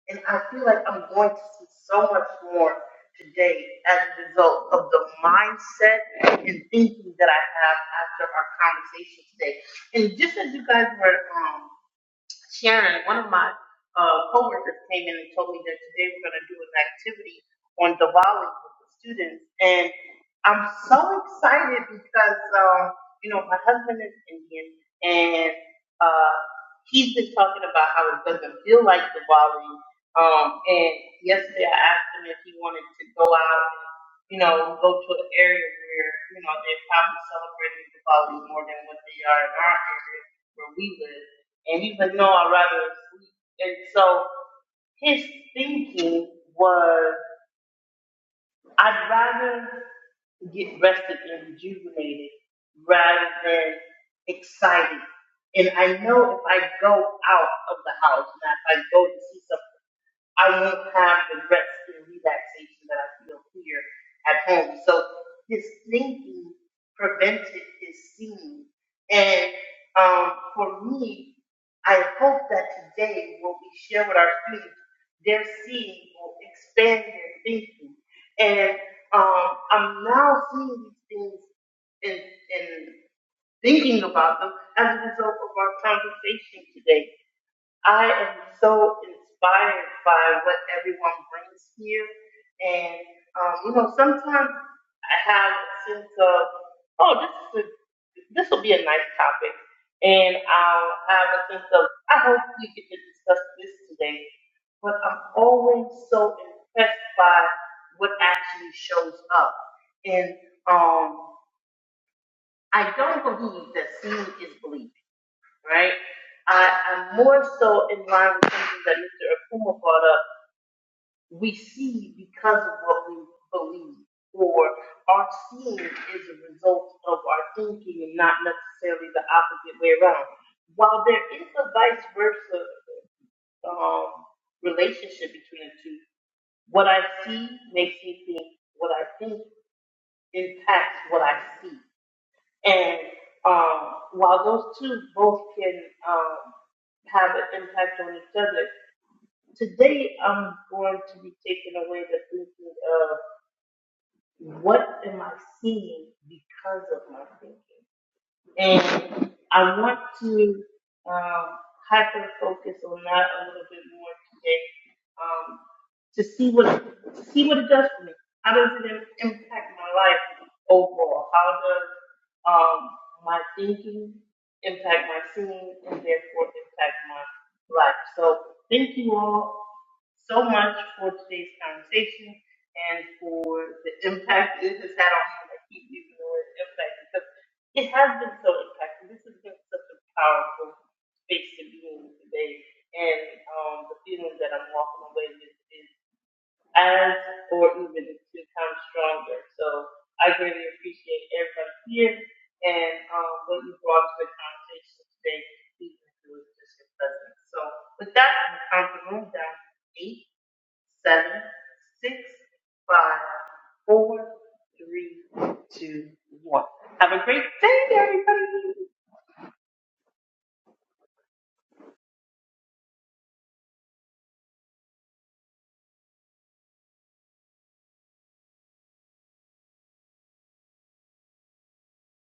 Speaker 1: And I feel like I'm going to see so much more today as a result of the mindset and thinking that I have after our conversation today. And just as you guys were um, sharing, one of my uh, coworkers came in and told me that today we're going to do an activity on Diwali with the students. and. I'm so excited because um, you know my husband is Indian, and uh, he's been talking about how it doesn't feel like Diwali. Um, and yesterday I asked him if he wanted to go out, you know, go to an area where you know they're probably celebrating Diwali more than what they are in our area where we live. And he was no, I'd rather sleep. And so his thinking was. I'd rather get rested and rejuvenated rather than excited. And I know if I go out of the house, and if I go to see something I won't have the rest and relaxation that I feel here at home. So his thinking prevented his seeing. And um, for me, I hope that today what we share with our students, their seeing will expand their thinking. And um, I'm now seeing these things and, and thinking about them as a result of our conversation today. I am so inspired by what everyone brings here. And, um, you know, sometimes I have a sense of, oh, this is a, this will be a nice topic. And I'll have a sense of, I hope we can discuss this today. But I'm always so impressed by what actually shows up. And um, I don't believe that seeing is believing right? I, I'm more so in line with something that Mr. Akuma brought up. We see because of what we believe, or our seeing is a result of our thinking and not necessarily the opposite way around. While there is a vice versa um, relationship between the two, what I see makes me think, what I think impacts what I see. And um, while those two both can um, have an impact on each other, today I'm going to be taking away the thinking of what am I seeing because of my thinking. And I want to um, hyper focus on that a little bit more today um, to see what to see what it does for me. How does it im- impact my life overall? How does um, my thinking impact my seeing and therefore impact my life? So thank you all so much for today's conversation and for the impact it has had on me. I keep using the word impact because. It has been so impactful. This has been such a powerful space to be in today. And um, the feeling that I'm walking away with is as or even two times stronger. So I greatly appreciate everyone here and um, what you brought to the conversation today, even through just your presence. So with that, I'm counting the room down to eight seven, six, five, four, three, two, one. Have a great day, everybody.